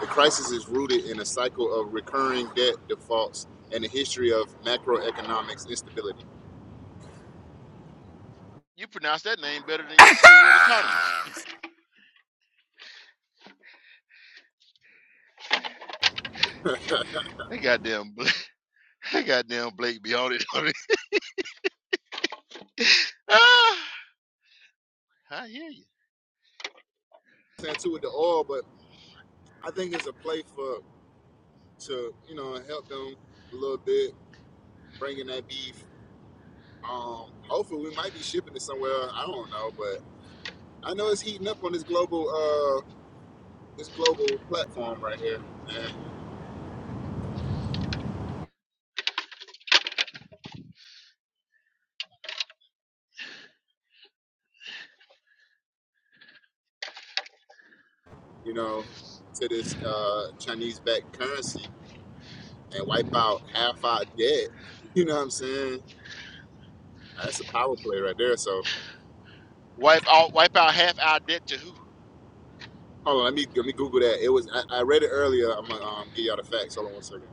The crisis is rooted in a cycle of recurring debt defaults and a history of macroeconomic instability. you pronounce that name better than you do with autonomous. They goddamn I Goddamn Blake be on it. On ah, I hear you. Stand too with the oil, but I think it's a play for to you know help them a little bit, bringing that beef. Um, hopefully, we might be shipping it somewhere. I don't know, but I know it's heating up on this global uh this global platform right here, and you know to this uh Chinese-backed currency and wipe out half our debt. You know what I'm saying? That's a power play right there. So Wipe out, wipe out half our debt to who? Hold on, let me let me Google that. It was I, I read it earlier. I'm gonna um, give y'all the facts. Hold on one second.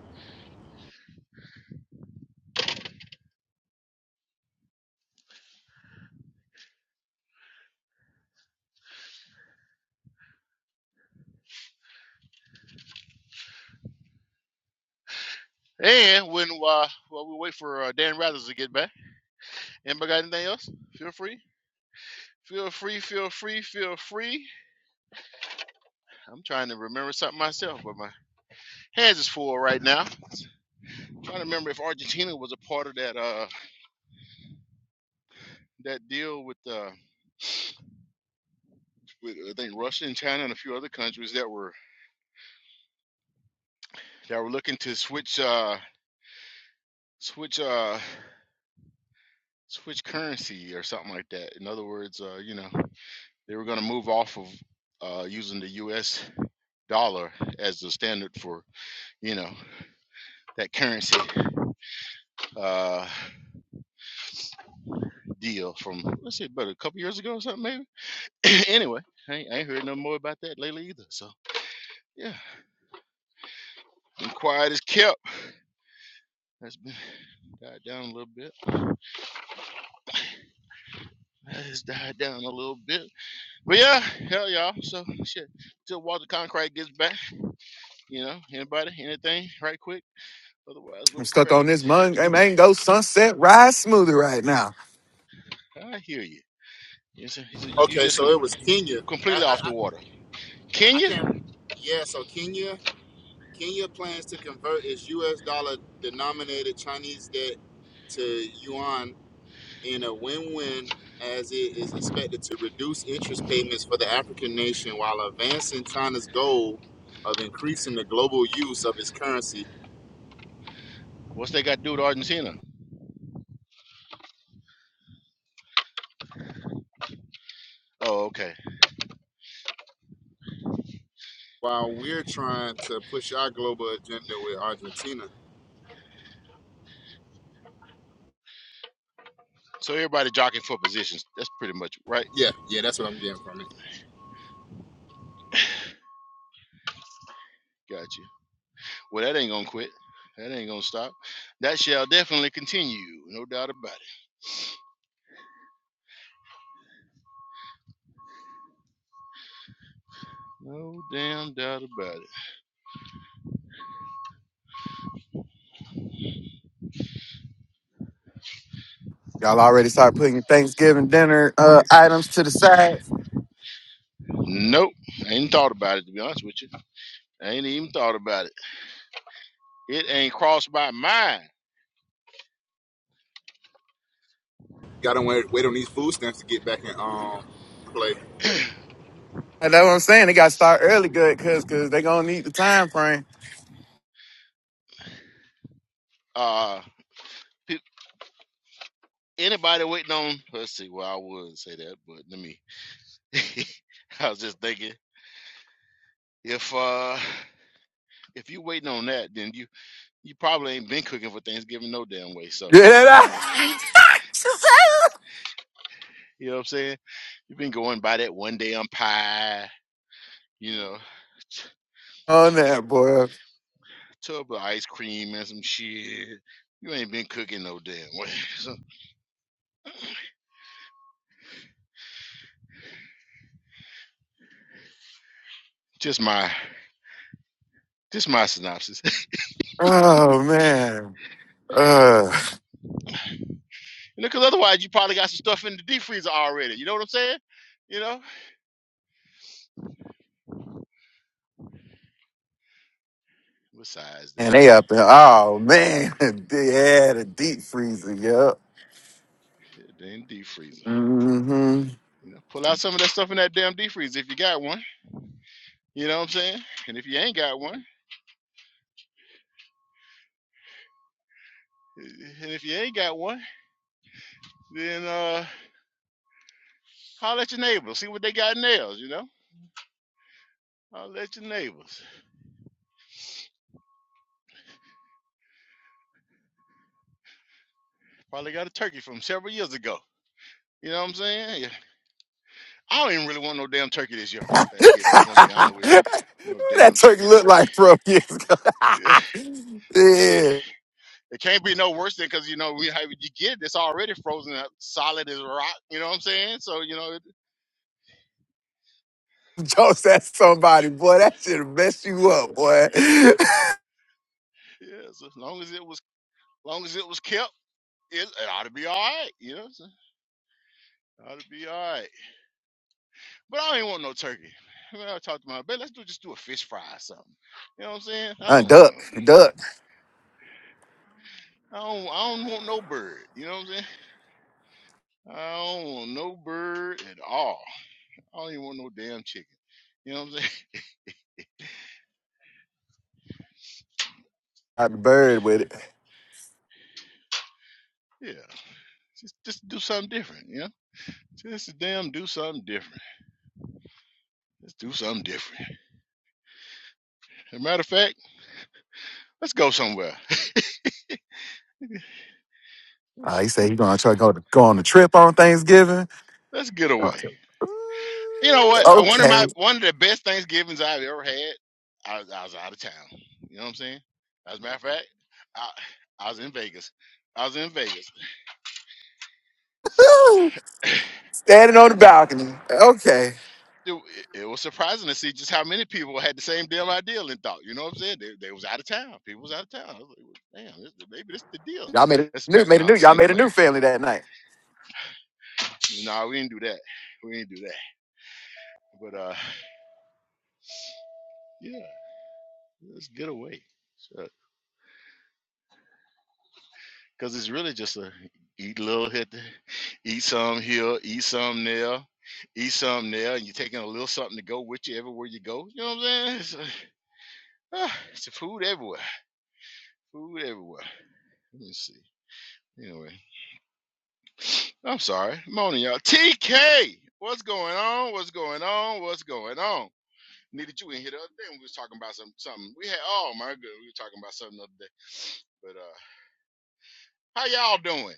And when uh, while we wait for uh, Dan Rathers to get back, anybody got anything else? Feel free, feel free, feel free, feel free. I'm trying to remember something myself, but my hands is full right now. I'm trying to remember if Argentina was a part of that uh that deal with uh with I think Russia and China and a few other countries that were that were looking to switch uh switch uh switch currency or something like that. In other words, uh, you know, they were going to move off of uh, using the U.S. dollar as the standard for, you know, that currency uh, deal from let's see, about a couple years ago or something maybe. anyway, I ain't, I ain't heard no more about that lately either. So yeah, been quiet as kept. That's been died down a little bit. That has died down a little bit. But yeah, hell y'all. So shit. Till Walter Concrete gets back, you know, anybody, anything, right quick. Otherwise, we're I'm stuck prepared to on get this to. mung- hey, mango sunset rise smoothie right now. I hear you. He said, he said you Okay, just so it was completely, Kenya. I completely off I, the I water. I Kenya? can't. Yeah, so Kenya Kenya plans to convert its U.S. dollar denominated Chinese debt to yuan in a win-win, as it is expected to reduce interest payments for the African nation while advancing China's goal of increasing the global use of its currency. What's they got to do with Argentina? Oh, okay. While we're trying to push our global agenda with Argentina So everybody jockeying for positions. That's pretty much right. Yeah, yeah, that's what I'm getting from it. Got you. Well, that ain't gonna quit. That ain't gonna stop. That shall definitely continue. No doubt about it. No damn doubt about it. Y'all already start putting your Thanksgiving dinner uh, items to the side. Nope. I ain't thought about it to be honest with you. I ain't even thought about it. It ain't crossed my mind. Got to wait, wait on these food stamps to get back in um play. And that's what I'm saying. They got to start early good because cause 'cause they going to need the time frame. Uh, anybody waiting on? Let's see. Well, I wouldn't say that, but let me. I was just thinking if uh if you waiting on that, then you you probably ain't been cooking for Thanksgiving no damn way. So Get yeah, that you know what I'm saying. You've been going by that one day on pie, you know, t- on that, boy. tub of ice cream and some shit. You ain't been cooking no damn way. So just my just my synopsis. Oh, man. Uh, you know, because otherwise you probably got some stuff in the deep freezer already. You know what I'm saying? You know. Besides and that, they up in, oh, man. yeah, the deep freezer. Yep. it ain't deep freezer. hmm You know, pull out some of that stuff in that damn deep freeze if you got one. You know what I'm saying? And if you ain't got one, eh, and if you ain't got one, then uh, holler at your neighbors. See what they got in theirs. You know, holler at your neighbors. Probably got a turkey from several years ago. You know what I'm saying? Yeah. I don't even really want no damn turkey this year for no Thanksgiving. If I'm being honest with you, no that damn turkey turkey, looked no way. like from years ago. Yeah, Shit, yeah. it can't be no worse than because you know we have you get it, it's already frozen up, solid as rock. You know what I'm saying? So you know, it, Jokes at somebody, boy. That should mess you up, boy. yeah, yeah. So as long as it was long as it was kept, it, it ought to be all right. You know, so it ought to be all right. But I ain't want no turkey. Man, I talked to my baby. Let's do just do a fish fry or something. You know what I'm saying? I uh, don't duck, know. duck. I don't. I don't want no bird. You know what I'm saying? I don't want no bird at all. I don't even want no damn chicken. You know what I'm saying? I the bird with it. Yeah. Just just do something different. You know? Just damn do something different. Let's do something different. As a matter of fact, let's go somewhere. Uh, Let's he said he gonna try to go, go on a trip on Thanksgiving. let's get Uh, away. You know what? One of Okay. my one of the best Thanksgivings I've ever had. I, was- I was out of town. You know what I'm saying? As a matter of fact, I I was in Vegas. I was in Vegas. Woo. Standing on the balcony. Okay. It, w- it was surprising to see just how many people had the same damn idea and thought. You know what I'm saying? They, they was out of town. People was out of town. I was like, "Well, damn, this, maybe this the deal. Y'all made a That's new back when made a I new was a y'all single made a new man. family that night. No, we didn't do that. We didn't do that. But uh, yeah, let's get away. because it's really just a eat a little hit, th- eat some here, eat some there, eat some there, and you're taking a little something to go with you everywhere you go. You know what I'm saying? It's, uh, it's a food everywhere. Food everywhere. Let me see. Anyway, I'm sorry. Morning, y'all. TK, what's going on? What's going on? What's going on? Needed you in here the other day. when We was talking about some something. We had oh my good, we were talking about something the other day. But uh, how y'all doing?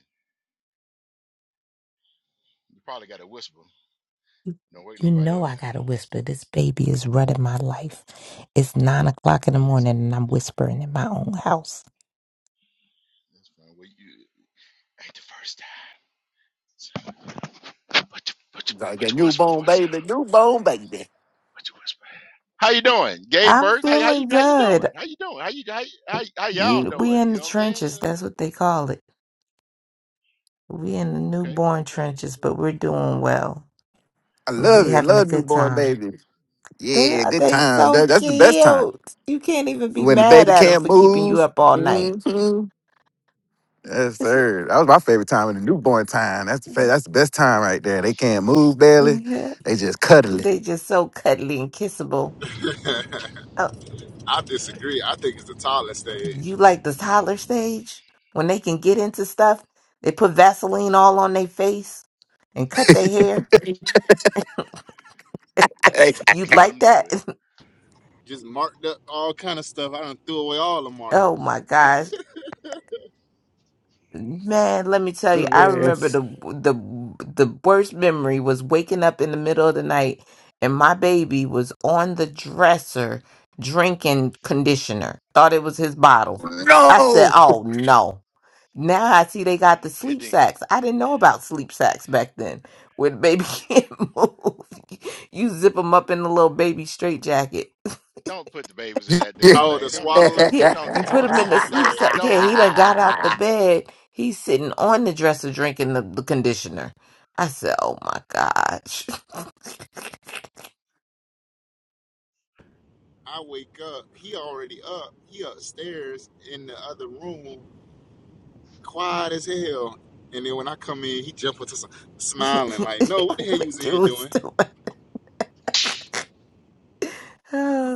You probably got a whisper. Don't wake You nobody up know now. I gotta whisper. This baby is running my life. It's nine o'clock in the That's morning good. and I'm whispering in my own house. That's fine. Well, you ain't the first time. So, But you, but you, Y'all but got you whisper newborn for a sound. baby, newborn baby. But you whisper. How you doing, Gay I'm Birth? How, how you feeling how you good. doing? How you doing? How you how you- how, y- how y'all You, we doing? in You the know what I'm saying? You trenches. know, That's what they call it. We in the okay, newborn okay. trenches, Uh, but we're But doing well. I love We it. having a Love good all right, newborn ten. time. baby. They Yeah, are good they time. That- so that's the best time. cute. You can't even be When the mad baby at them can't for keeping move. you up all night. hmm. Yes, sir. That was my favorite time in the newborn time. That's the fa- that's the best time right there. They can't move barely. they They just cuddling. just so cuddly and kissable. Oh, I I hear disagree. I you. think it's the toddler stage. You like the toddler stage when they can get into stuff? They put Vaseline all on their face and cut their hair. Hey, You Just let like them do that? it. Just marked up all kind of stuff. I done threw away all the oh markers. my gosh. Man, let me tell you, I man. remember the the the worst memory was waking up in the middle of the night and my baby was on the dresser drinking conditioner. Thought it was his bottle. I said, no. "Oh no." Now I see they got the Mm. It sleep didn't. sacks. I didn't know about sleep sacks back then. Where the baby can't move. You zip them up in the little baby straight jacket. Don't put the babies in that Yeah. damn Oh, thing. the Don't do that. swaddler. I Yeah, Don't You you do talking put about that. the him in the swaddler? sleep Don't Yeah. set. Yeah, don't do he done that. got out the bed. He's sitting on the dresser drinking the, the conditioner. I said, "Oh my gosh, I wake up. He already up. He upstairs in the other room, quiet as hell. And then when I come in, he jump into some, smiling like, "No, what the hell you was what in here you was doing?" doing?"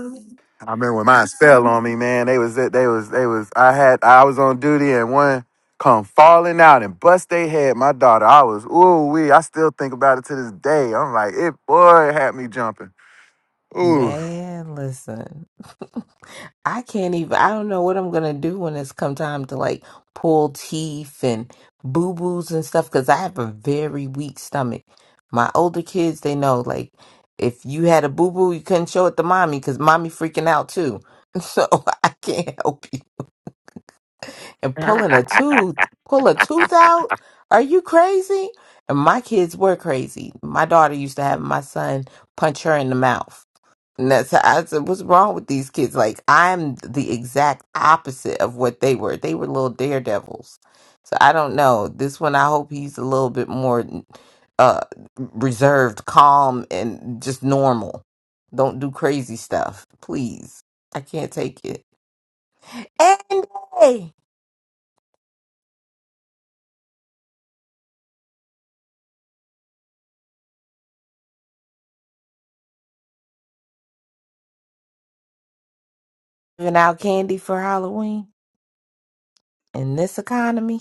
remember when mine fell on me, man. They was they was they was I had I was on duty and one come falling out and bust they head. My daughter, I was ooh wee. I still think about it to this day. I'm like, it boy it had me jumping. Ooh. Man, listen. I can't even I don't know what I'm gonna do when it's come time to like pull teeth and boo boos and stuff because I have a very weak stomach. My older kids, they know like if you had a boo boo, you couldn't show it to mommy because mommy freaking out too. So I can't help you. And pulling a tooth, pull a tooth out? Are you crazy? And my kids were crazy. My daughter used to have my son punch her in the mouth and that's how I said, what's wrong with these kids? Like I'm the exact opposite of what they were. They were little daredevils. So I don't know. This one, I hope he's a little bit more uh reserved, calm, and just normal. Don't do crazy stuff, please. I can't take it. And hey, giving out candy for Halloween in this economy.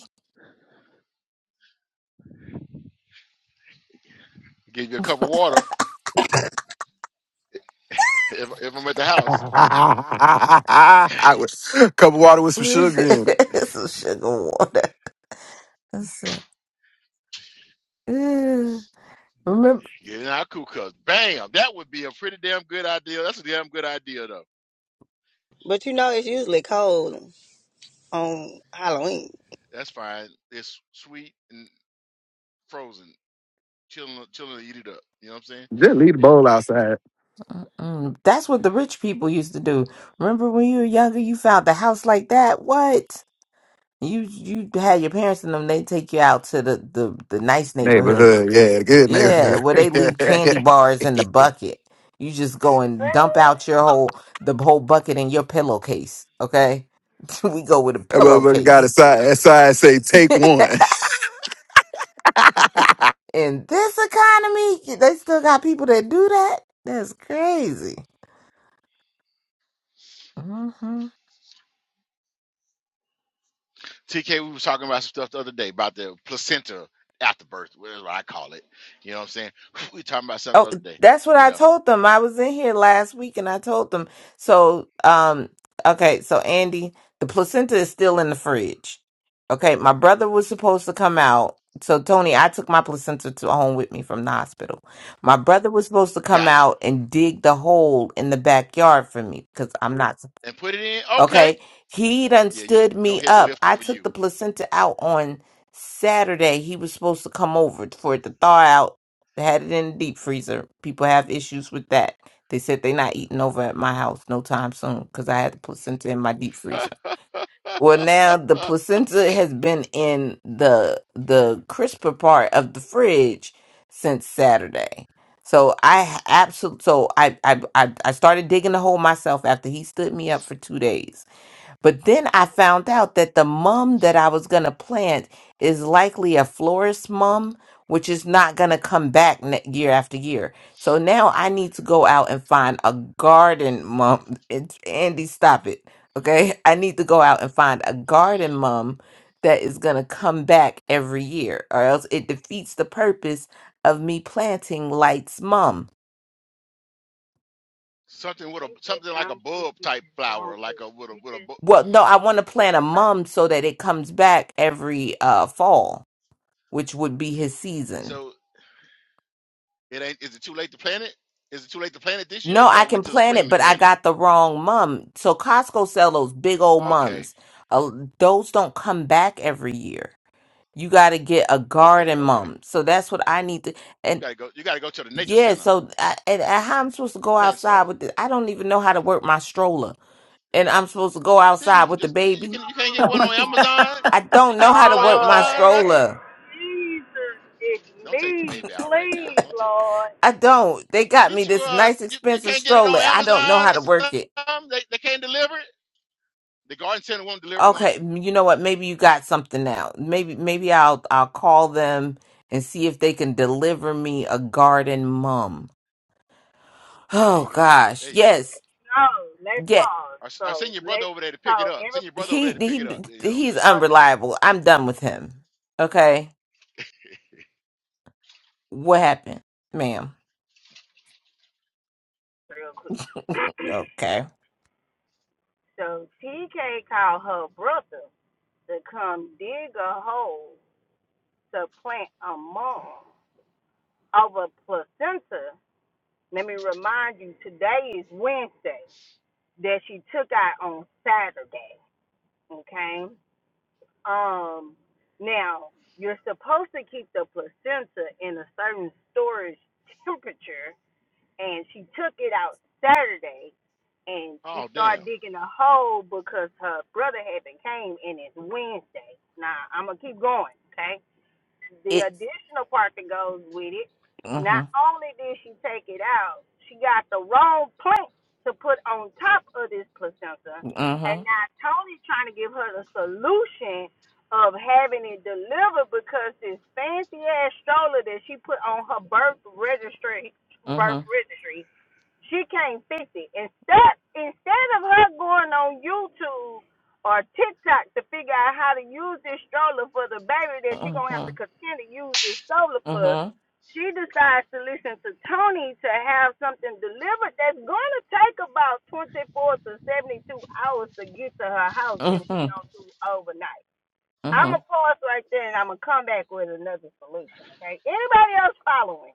Give you a cup of water if if I'm at the house. Yeah. I was cup of water with some sugar in it. it's a sugar water. That's it. Ugh. Remember. Get in our crew cups. Bam! That would be a pretty damn good idea. That's a damn good idea though. But you know, it's usually cold on Halloween. That's fine. It's sweet and frozen. Chilling, chilling to eat it up. You know what I'm saying? Just leave the Yeah. bowl outside. Mm-mm. That's what the rich people used to do. Remember when you were younger, you found the house like that? What? You you had your parents and them, they take you out to the, the, the nice neighborhood. Neighborhood, yeah, good Yeah, neighborhood. where they leave candy that bars in the bucket. You just go and dump out your whole the whole bucket in your pillowcase. Okay? We go with a motherfucker got a pillowcase. sign. That sign say take one. in this economy, they still got people that do that? That's crazy. TK, we was talking about some stuff the other day about the placenta after birth, whatever I call it. You know what I'm saying? We were talking about something Oh, the other day. that's what You I know, told them. I was in here last week and I told them. So, um, okay, so Andy, the placenta is still in the fridge. Okay, my brother was supposed to come out. So, Tony, I took my placenta to home with me from the hospital. My brother was supposed to come gotcha. out and dig the hole in the backyard for me because I'm not. And put it in. Okay. Okay. He done Yeah, you stood no me heavy up. lifting I for took you. the placenta out on Saturday. He was supposed to come over for it to thaw out. They had it in the deep freezer. People have issues with that. They said they not eating over at my house no time soon because I had the placenta in my deep freezer. Well, now the Uh, placenta has been in the the crisper part of the fridge since Saturday. So I absolutely so I, I I I started digging the hole myself after he stood me up for two days but then I found out that the mum that I was going to plant is likely a florist mum, which is not going to come back ne- year after year. So now I need to go out and find a garden mum. It's, Andy, stop it. Okay. I need to go out and find a garden mum that is going to come back every year, or else it defeats the purpose of me planting Light's mum. something with a They just something like a some shit bulb you type just flower, don't do. like a with a You with a just, bu- Well, no, I want to you plant a just don't mum so that it comes back every uh, fall which would be his season. so It ain't. Is it too late to plant it? Is it too late to plant it this year? No, You got I to wait can till the plan spring it, to but I plant it. got the wrong mum. So Costco sell those big old Okay, mums. Uh, those don't come back every year. You got to get a okay, garden okay. mum. So that's what I need to. You And gotta go. You gotta go to the nature yeah, center. so I, and, and how I'm supposed to go Plant stuff. outside with the I don't even know how to work my stroller, and I'm supposed to go outside Damn. with the Just you baby. can. You can't get Oh one my on Oh, Amazon. God. I my You don't know can't get how to one on work my God. Amazon or nothing. stroller. Jesus, it's Don't take the me. baby out right now. Please, Don't take the, Lord. I don't. They got me get you. this Uh, nice you, you expensive can't get it stroller. on I don't know Amazon how to or work it. something. They they can't deliver it. The garden center won't deliver one. Okay, m- you know what? Maybe you got something now. Maybe maybe I'll I'll call them and see if they can deliver me a garden mum. There you Oh go. gosh, There you go. yes, No, let's yeah. pause. I I send So, your brother let's, over there to pick it so, up. every, Send your brother over He there to pick it he up. You know what I'm he's saying? so, They- unreliable. I'm done with him. Okay, what happened, ma'am? real quick. Okay, So, TK called her brother to come dig a hole to plant a mom of a placenta. Let me remind you, today is Wednesday that she took out on Saturday. Okay? Um, now you're supposed to keep the placenta in a certain storage temperature, and she took it out Saturday, and Oh she damn. started digging a hole because her brother had been came, and it's Wednesday. Now I'm gonna keep going, okay? the it. additional part that goes with it, not Mhm. only did she take it out, she got the wrong plate to put on top of this placenta. And Mhm. now Tony trying to give her the solution of having it delivered because this fancy ass stroller that she put on her birth registry birth Mhm. registry she can't fix it. Instead, instead of her going on YouTube or TikTok to figure out how to use this stroller for the baby that she going to have to Mhm. continue to use this stroller for, Mhm. she decides to listen to Tony to have something delivered that's going to take about 24 to 72 hours to get to her house if she don't do it overnight. I'm Mhm. going to pause right there and I'm going to come back with another solution, okay? Anybody else following?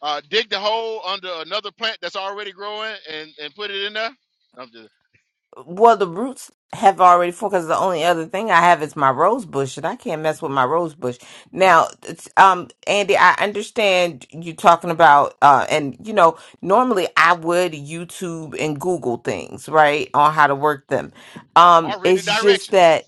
Uh, dig the hole under another plant that's already growing and, and put it in there. No, I'm just, Well, the roots have already formed because the only other thing I have is my rose bush, and I can't mess with my rose bush. Now, it's, um, Andy, I understand you talking about, uh, and you know, normally I would YouTube and Google things, right, on how to work them. Um, or read the it's just that directions.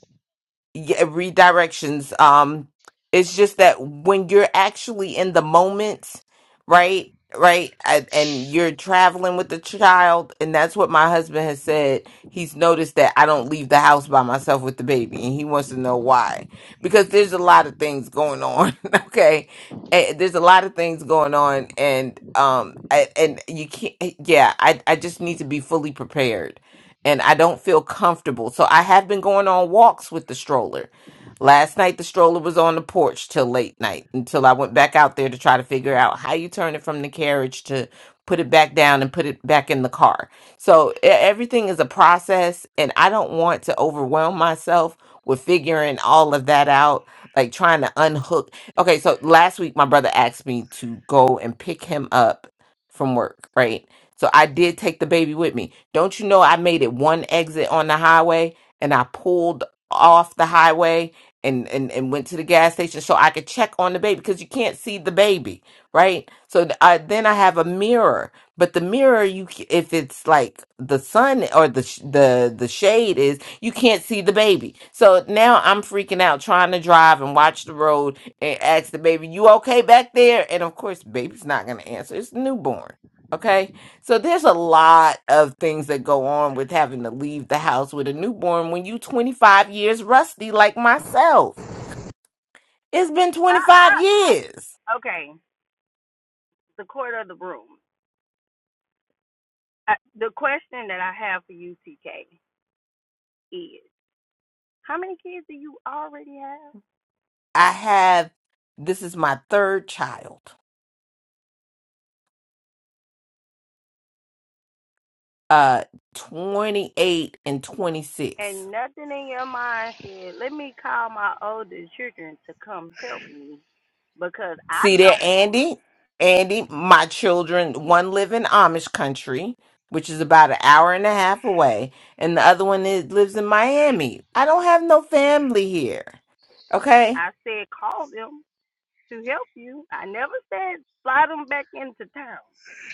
yeah, redirections. Um, it's just that when you're actually in the moment, right, right, and and you're traveling with the child, and that's what my husband has said. He's noticed that I don't leave the house by myself with the baby, and he wants to know why. Because there's a lot of things going on. okay. Eh, There's a lot of things going on, and um, I- and you can't. Yeah, I I just need to be fully prepared and I don't feel comfortable. So I have been going on walks with the stroller. Last night the stroller was on the porch till late night until I went back out there to try to figure out how you turn it from the carriage to put it back down and put it back in the car. So e- everything is a process and I don't want to overwhelm myself with figuring all of that out, like trying to unhook. Okay, so last week my brother asked me to go and pick him up from work, right? So I did take the baby with me. Don't you know I made it one exit on the highway and I pulled off the highway and, and, and went to the gas station so I could check on the baby because you can't see the baby, right? So th- I, then I have a mirror, but the mirror, you c- if it's like the sun or the sh- the the shade is, you can't see the baby. So now I'm freaking out trying to drive and watch the road and ask the baby, "You okay back there?" And of course, baby's not gonna answer. It's newborn, okay? So there's a lot of things that go on with having to leave the house with a newborn when you 25 years rusty like myself. It's been I, I, 25 I, years. okay, the court of the room. I, the question that I have for you, TK, is how many kids do you already have? I have this is my third child. Uh 28 and 26. And nothing in your mind said, let me call my older children to come help me because I See there don't want to. Andy? Andy, my children, one live in Amish country, which is about an hour and a half away, and the other one is, lives in Miami. I don't have no family here. Okay? I said, call them to help you. I never said fly them back into town.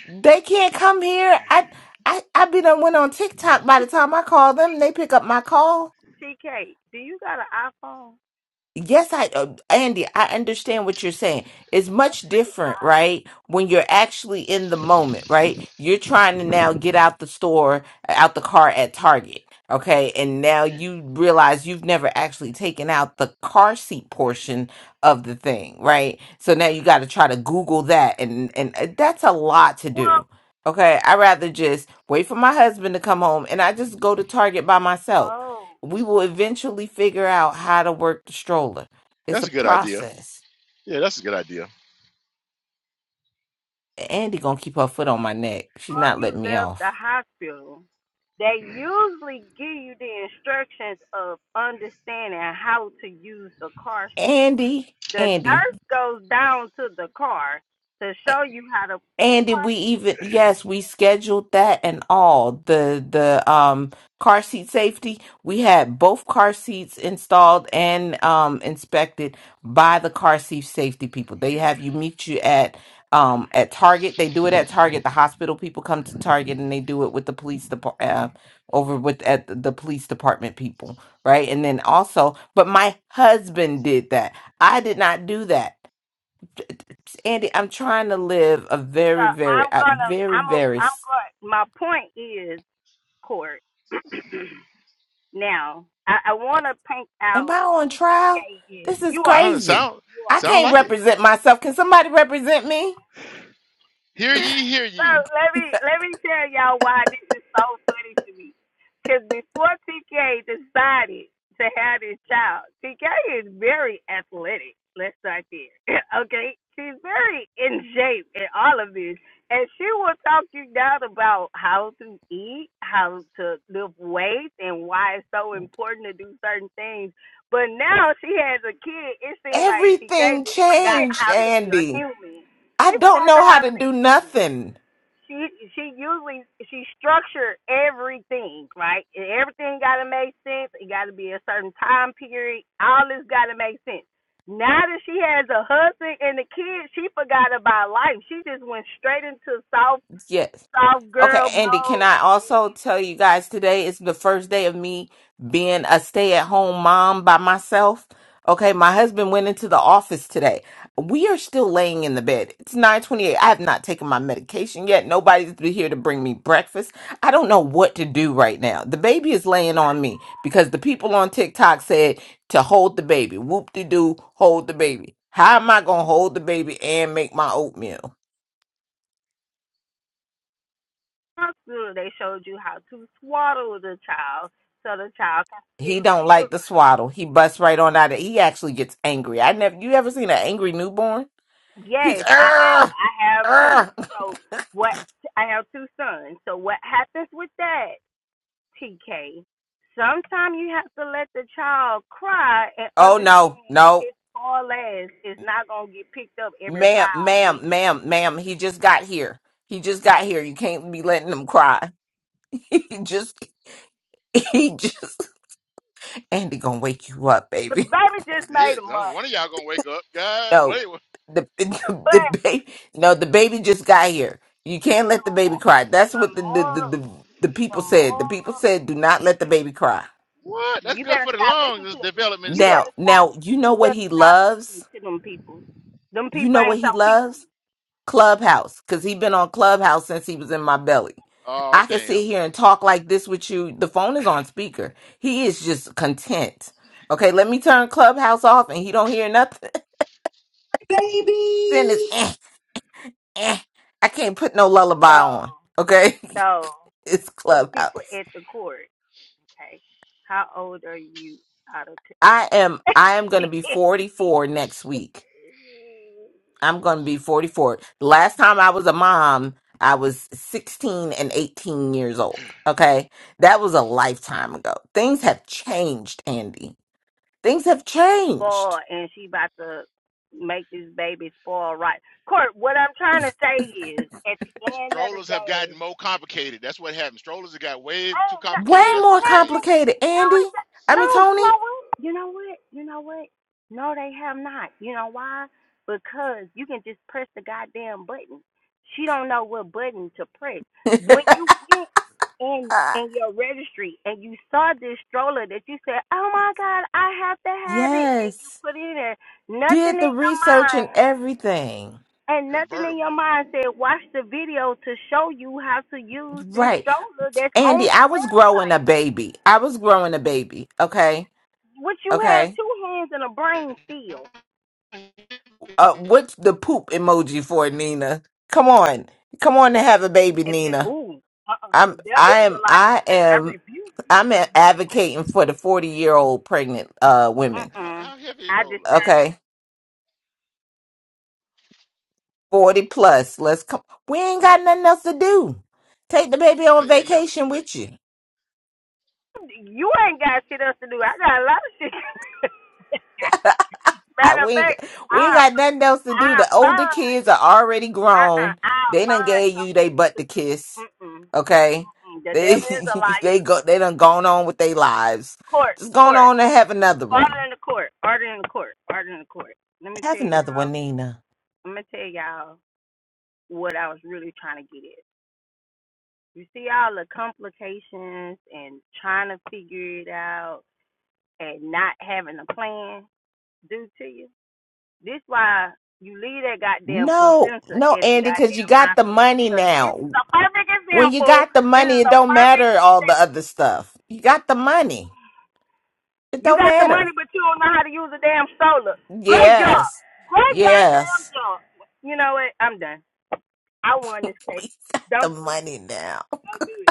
They can't come here. I I I be done went on TikTok by the T- time I call them, they pick up my call. TK, do you got an iPhone? Yes, I, uh, Andy, I understand what you're saying. It's A much different, FaceTime? right? When you're actually in the moment, right? You're trying to now get out the store, uh, out the car at Target, okay? And now you realize you've never actually taken out the car seat portion of the thing, right? So now you got to try to Google that, and and uh, that's a lot to Well, do. Okay, I rather just wait for my husband to come home, and I just go to Target by myself oh. we will eventually figure out how to work the stroller. It's That's a a good idea. process. Yeah, that's a good idea. Andy gonna keep her foot on my neck. She's before not you letting me left the off. hospital, they usually give you the instructions of understanding how to use the car. Andy, The Andy. nurse goes down to the car to show you how to And did we properly. even yes, we scheduled that and all. The the um car seat safety, we had both car seats installed and um inspected by the car seat safety people. They have you meet you at um at Target. They do it at Target. The hospital people come to Target and they do it with the police department uh, over with at the the police department people, right? And then also, but my husband did that. I did not do that. Andy, I'm trying to live a So very, very, I'm a gonna, very, I'm, a, very. I'm s- going. My point is, court. now, I, I want to paint Am out I on who trial? TK is. This is You are, I don't crazy. sound you are. I sound can't like it. represent myself. Can somebody represent me? Hear ye, hear so ye. let me let me tell y'all why this is so funny to me. Because before TK decided to have this child, TK is very athletic. Let's start there. okay, she's very in shape in all of this, and she will talk you down about how to eat, how to lift weights, and why it's so important to do certain things. But now she has a kid. It seems like TK Everything just forgot changed, how to be a Andy. human. She I don't forgot know how how to to do be nothing. she she usually she structured everything right And everything got to make sense it got to be a certain time period all this got to make sense now that she has a husband and the kids she forgot about life she just went straight into soft Yes. soft Okay, girl Andy, can mode I also tell you guys today is the first day of me being a stay at home mom by myself? Okay, my husband went into the office today. We are still laying in the bed. It's 928. I have not taken my medication yet. Nobody's been here to bring me breakfast. I don't know what to do right now. The baby is laying on me because the people on TikTok said to hold the baby. Whoop de doo, hold the baby. How am I going to hold the baby and make my oatmeal? Hospital, they showed you how to swaddle the child so the child can He still don't feel like the like swaddle. He busts right on out of He actually gets angry. I never you ever seen an angry newborn? He yes i have "Arr! i have two Arr!" so what i have two sons so what happens with that TK. Sometimes you have to let the child cry and Oh no, understand no. his poor ass is not gonna get picked up every Ma'am, five ma'am, minutes. ma'am, ma'am. He just got here. He just got here. You can't be letting him cry. He just he just Andy gonna wake you up, The baby. baby just made This a month, one of y'all gonna wake up. God, No. wait, The the, but the baby no, the baby just got here. You can't the let the baby more, cry. That's the what the the, the, moral, the the the people said. The people moral, said do not let the baby cry. what? That's you good better for the stop lungs. listening This to. development You Now, stuff. better stop. now you know You what better he stop listening loves? to them people. Them You people know what ain't he your people. loves? Clubhouse, cuz he been on Clubhouse since he was in my belly. Oh I could damn. sit here and talk like this with you. The phone is on speaker. He is just content. Okay, let me turn Clubhouse off and he don't hear nothing. Then it's baby. eh, eh. I can't put no lullaby So, on. Okay? so it's to the people Clubhouse. at the court, okay. How old are you out of? T- I am I am going to be 44 next week. I'm going to be 44. The last time I was a mom, I was 16 and 18 years old. Okay. That was a lifetime ago. Things have changed, Andy. Things have changed. spoiled and she about to make this baby spoiled right. Court, what I'm trying to say Yeah. is at the end of the Strollers have day, gotten more complicated. That's what happened. Strollers have got way too Ain't, no, Way complicated. That's ain't more what's nothing. changed. complicated, No, Andy. it, do I no. mean, You Tony. know what? You know what? You know what? No, they have not. You know why? Because you can just press the goddamn button. She don't know what button to press. When you went in Uh, in your registry and you saw this stroller that you said, "Oh my God, I have to have it," and you yes. put it in there, nothing Did the in your research mind, and everything. and nothing in your Convertible. mind said, "Watch the video to show you how to use this Right. stroller that's on Andy, the I was website." growing a baby. I was growing a baby. Okay. What you had Okay two hands and a brain still. Uh, what's the poop emoji for, Nina? Come on, come on to have a baby, If it, Nina. ooh, uh uh the I'm, devil I is a am, liar. I I, am, rebuke you to I'm come a- this way. advocating for the forty year old pregnant uh Uh women. How, uh how heavy is a I just, stroller? Okay, forty plus. Let's come. We ain't got nothing else to do. Take the baby It's on a, ain't never too vacation late. with you. you ain't got shit else to do. I got a lot of shit. Matter of we ain't, fact, we ain't I'll, got nothing else to do. I'll The older find, kids are already uh uh-uh, uh, grown. i will They done find gave you they something butt to to do. kiss. Mm mm. Okay, Mm-mm. The they devil is a liar. they go they done gone on with their lives. Court, Just going court. on and have another Order one. in the court. Order in the court. Order in the court. Let me tell Have another y'all. one, Nina. I'm gonna tell y'all. what I was really trying to get at. You see all the complications and trying to figure it out and not having a plan due to you. This why you leave that goddamn No, placenta no, at the Andy, because you goddamn got the hospital money because this is now. a perfect When you example. got the This money, is it a don't perfect matter all the example. other stuff. You got the money. It You don't got the money, matter. but you don't know how to use a damn solar. Great job. Yes, Great goddamn yes. job. You know what? I'm done. I won this case. We got Don't the do this. shit. money now. Don't do it.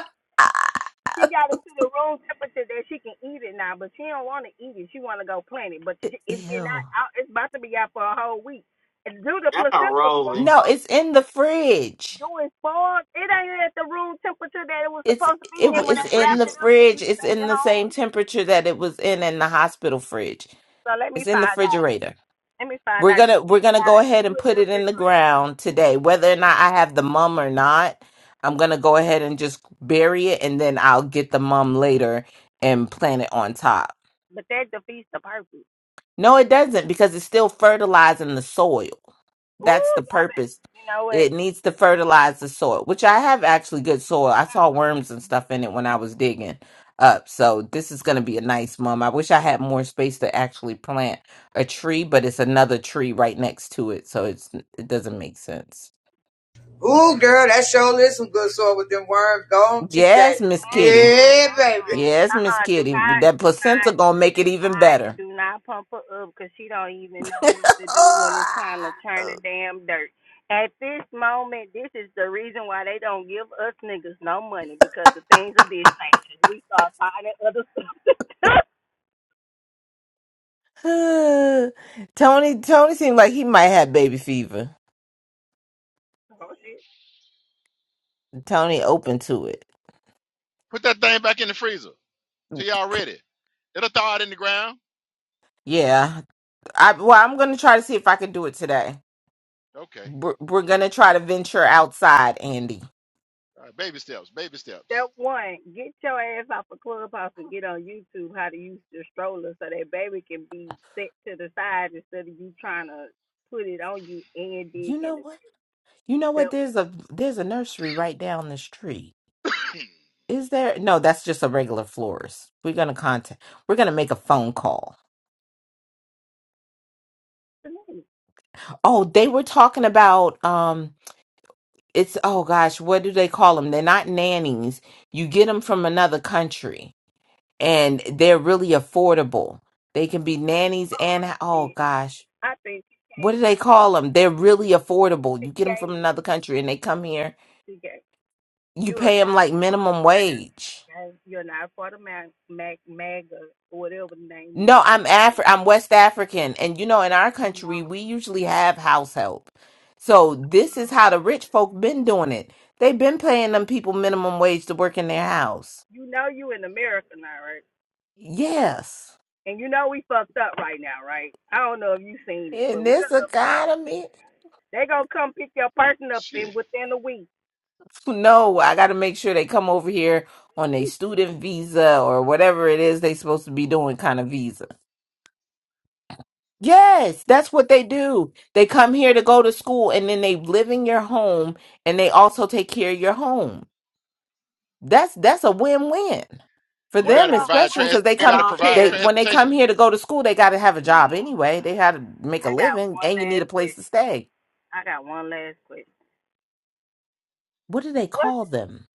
She got it to the room temperature that she can eat it now, but she don't want to eat it. She want to go plant it, but she, it's been Ew. out, out. It's about to be out for a whole week. And do the Y'all placenta rolling. No, fall? it's in the fridge. Do it fall? It ain't at the room temperature that it was It's supposed to be it, in In when the it's they in wrapped the freezer. it up for you fridge. to It's take in it the same home. temperature that it was in in the hospital fridge. So let me It's in the find out. refrigerator. Let me find We're out. You gonna we're took it gonna go out. ahead and Put it in put the it in the refrigerator, ground today, whether or not I have the mum or not. I'm gonna go ahead and just bury it, and then I'll get the mum later and plant it on top. but that defeats the purpose. No, it doesn't because it's still fertilizing the soil. That's Ooh, the y'all better. purpose. You know what? It needs to fertilize the soil, which I have actually good soil. I Mm. saw worms and stuff in it when I was digging up. So this is going to be a nice mum. I wish I had more space to actually plant a tree, but it's another tree right next to it, so it's it doesn't make sense. Ooh, girl, that sure is some good soil with them worms. Go on, TK. Yes, Miss Kitty. Uh-uh, Yeah, baby. uh-uh. Yes, Miss Uh-uh, do Kitty. not, That do not, placenta gonna make do it even not, better. do not pump her up because she don't even know what to do when it's time to turn the damn dirt. At this moment, this is the reason why they don't give us niggas no money because of things of this nature. We start finding other stuff Tony, Tony seemed like he might have baby fever. Oh, shit. Tony open to it. Put that thing back in the freezer till y'all ready. It'll thaw it in the ground. Yeah, I well, I'm gonna try to see if I can do it today. Okay. We're, we're gonna try to venture outside, Andy. All right, baby steps, baby steps. Step one, get your ass off of Clubhouse and get on YouTube how to use the stroller so that baby can be set to the side instead of you trying to put it on you and dig You in know the what? You know That what? There's a there's a nursery right down the street. Is there? No, that's just a regular florist. We're gonna contact. We're gonna make a phone call. was the name. Oh, they were talking about um. It's oh gosh, what do they call them? They're not nannies. You get them from another country, and they're really affordable. They can be nannies Oh and oh shit. gosh. I think what do TK they call them? They're really affordable. You get them from TK another country and they come here. TK. You You're pay them not like a part of minimum Mac wage. You're not a part of Mac Mac MAGA or whatever the name is. No, I'm Afri- I'm West African, and you know, in our I country, know. we usually have house help. So this is Oh. how the rich folk been doing it. They've been paying them people minimum wage to work in their house. You know you in America now, right? Yes, And you know we fucked up right now, right? I don't know if you seen it, but in we a this little fucked. economy, They gonna come pick your person up in Shit. within a week. no, I got to make sure they come over here on a student visa or whatever it is they supposed to be doing kind of visa Yes, that's what they do. They come here to go to school and then they live in your home and they also take care of your home. That's that's a win-win for You What's gotta them your provide especially what's trans cuz they you And gotta come our provide they pair, when they come transportation. here to go to school they got to have a job anyway. They had to make a I got living one and you need last a place question. to stay. I got one last question. What do they What's call them?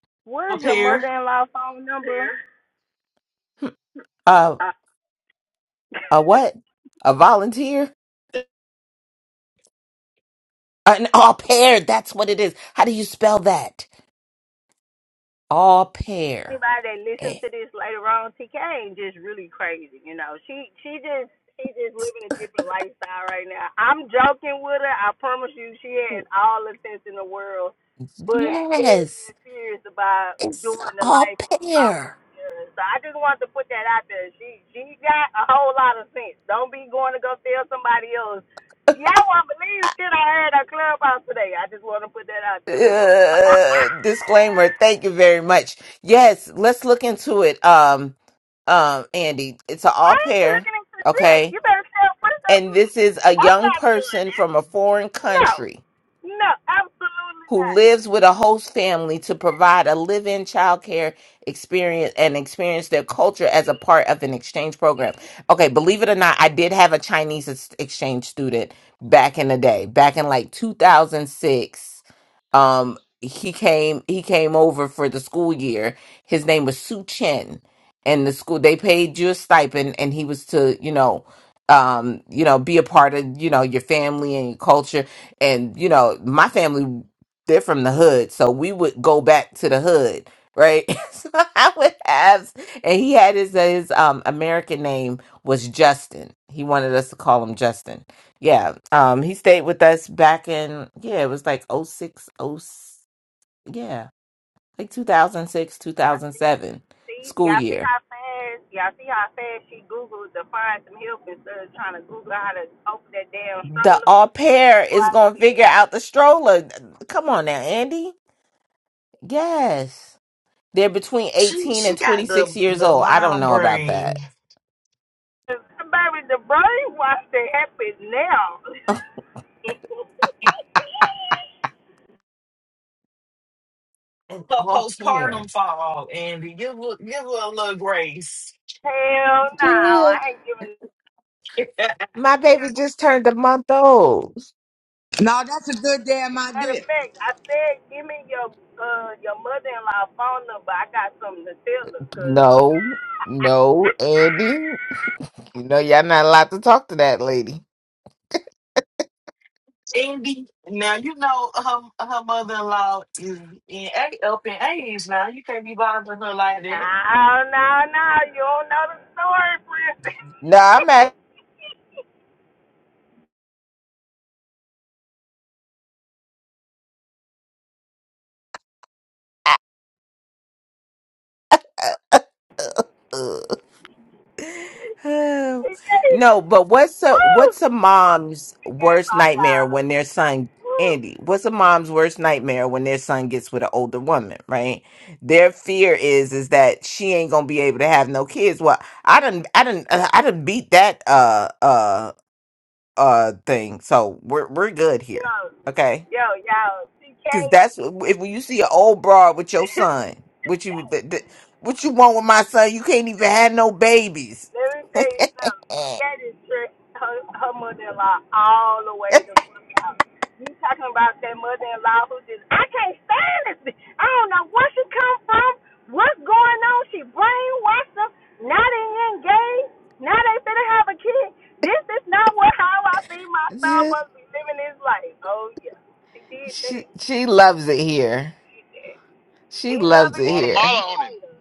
our where's your mother pair. in law phone number? Hmm, Uh a what? A volunteer? An au pair, that's what it is. How do you spell that? Au pair. anybody that listens Eh, to this later on, TK ain't just really crazy, you know. She she just she just living a different lifestyle right now. I'm joking with her. I promise you, she has all the sense in the world, but she dead Yes. is serious about It's doing the all life of South pair. Carolina. So I just wanted to put that out there. She she got a whole lot of sense. Don't be going to go tell somebody else. Y'all won't believe shit I heard on Clubhouse today. I just want to put that out there. Uh, disclaimer. Thank you very much. Yes, let's look into it. Um, um, Andy, it's an I all ain't pair, looking into shit. okay? You better tell what is that? And this is a I'm young not doing person that. from a foreign No. country. No, absolutely who not. lives with a host family to provide a live-in childcare experience and experience their culture as a See, part of an exchange program. see, Okay, believe it or not, I did have a Chinese ex- exchange student back in the day, back in like 2006. Um he came he came over for the school year. His name was Su Chen. And the school they paid you a stipend and he was to, you know, um, you know, be a part of, you know, your family and your culture and you know my family they're from the hood, so we would go back to the hood, right? so I would have, and he had his his um American name was Justin. He wanted us to call him Justin. Yeah, um, he stayed with us back in yeah, it was like oh six oh yeah, like two thousand six, two y'all thousand see, seven see, school y'all see year. how fast, y'all see how fast she Googled to find some help instead of trying to Google how to open that damn The stroller. au pair is Why gonna figure she- out the stroller. Come on now, Andy. Yes. They're between She 18 she and got 26 the years the old. I don't mild know about that. brain. Baby, the brainwash that happened now. An Her all postpartum pair. fall, Andy. Give her, give her a little grace. Hell no, Good. I ain't giving My baby just turned a month old. No, that's a good damn Matter idea. of fact, I said, give me your uh your mother-in-law phone number. I got something to tell her, cause No, no, Andy. You know y'all not allowed to talk to that lady. Andy, now you know her her mother in law is in a- up in age now. You can't be bothering her like that. no, no, no, you don't know the story, No, princess. I'm at. Oh. she gave, No, but what's a woo, what's a mom's she gave worst my nightmare dog. when their son Woo, Andy? What's a mom's worst nightmare when their son gets with an older woman, right? Their fear is is that she ain't gonna be able to have no kids. Well, I didn't, I didn't, I didn't beat that uh uh uh thing. So we're we're good yo, here, okay? yo, yo, she Because came. that's if you see an old broad with your son, she what you came. th- th- what you want with my son? You can't even have no babies. Let me tell you something. Eh. That is trick her, her mother-in-law all the way the fuck out. You talking about that mother-in-law who just I can't stand this. bitch. I don't know where she come from. What's going on? She brainwashed them. Now they engaged. Now they finna have a kid. This is not what how I see my son Yeah, supposed to be living his life. Oh yeah, she did that. She she loves it here. She did. He She love her loves it and here. she Guatemala on hate her.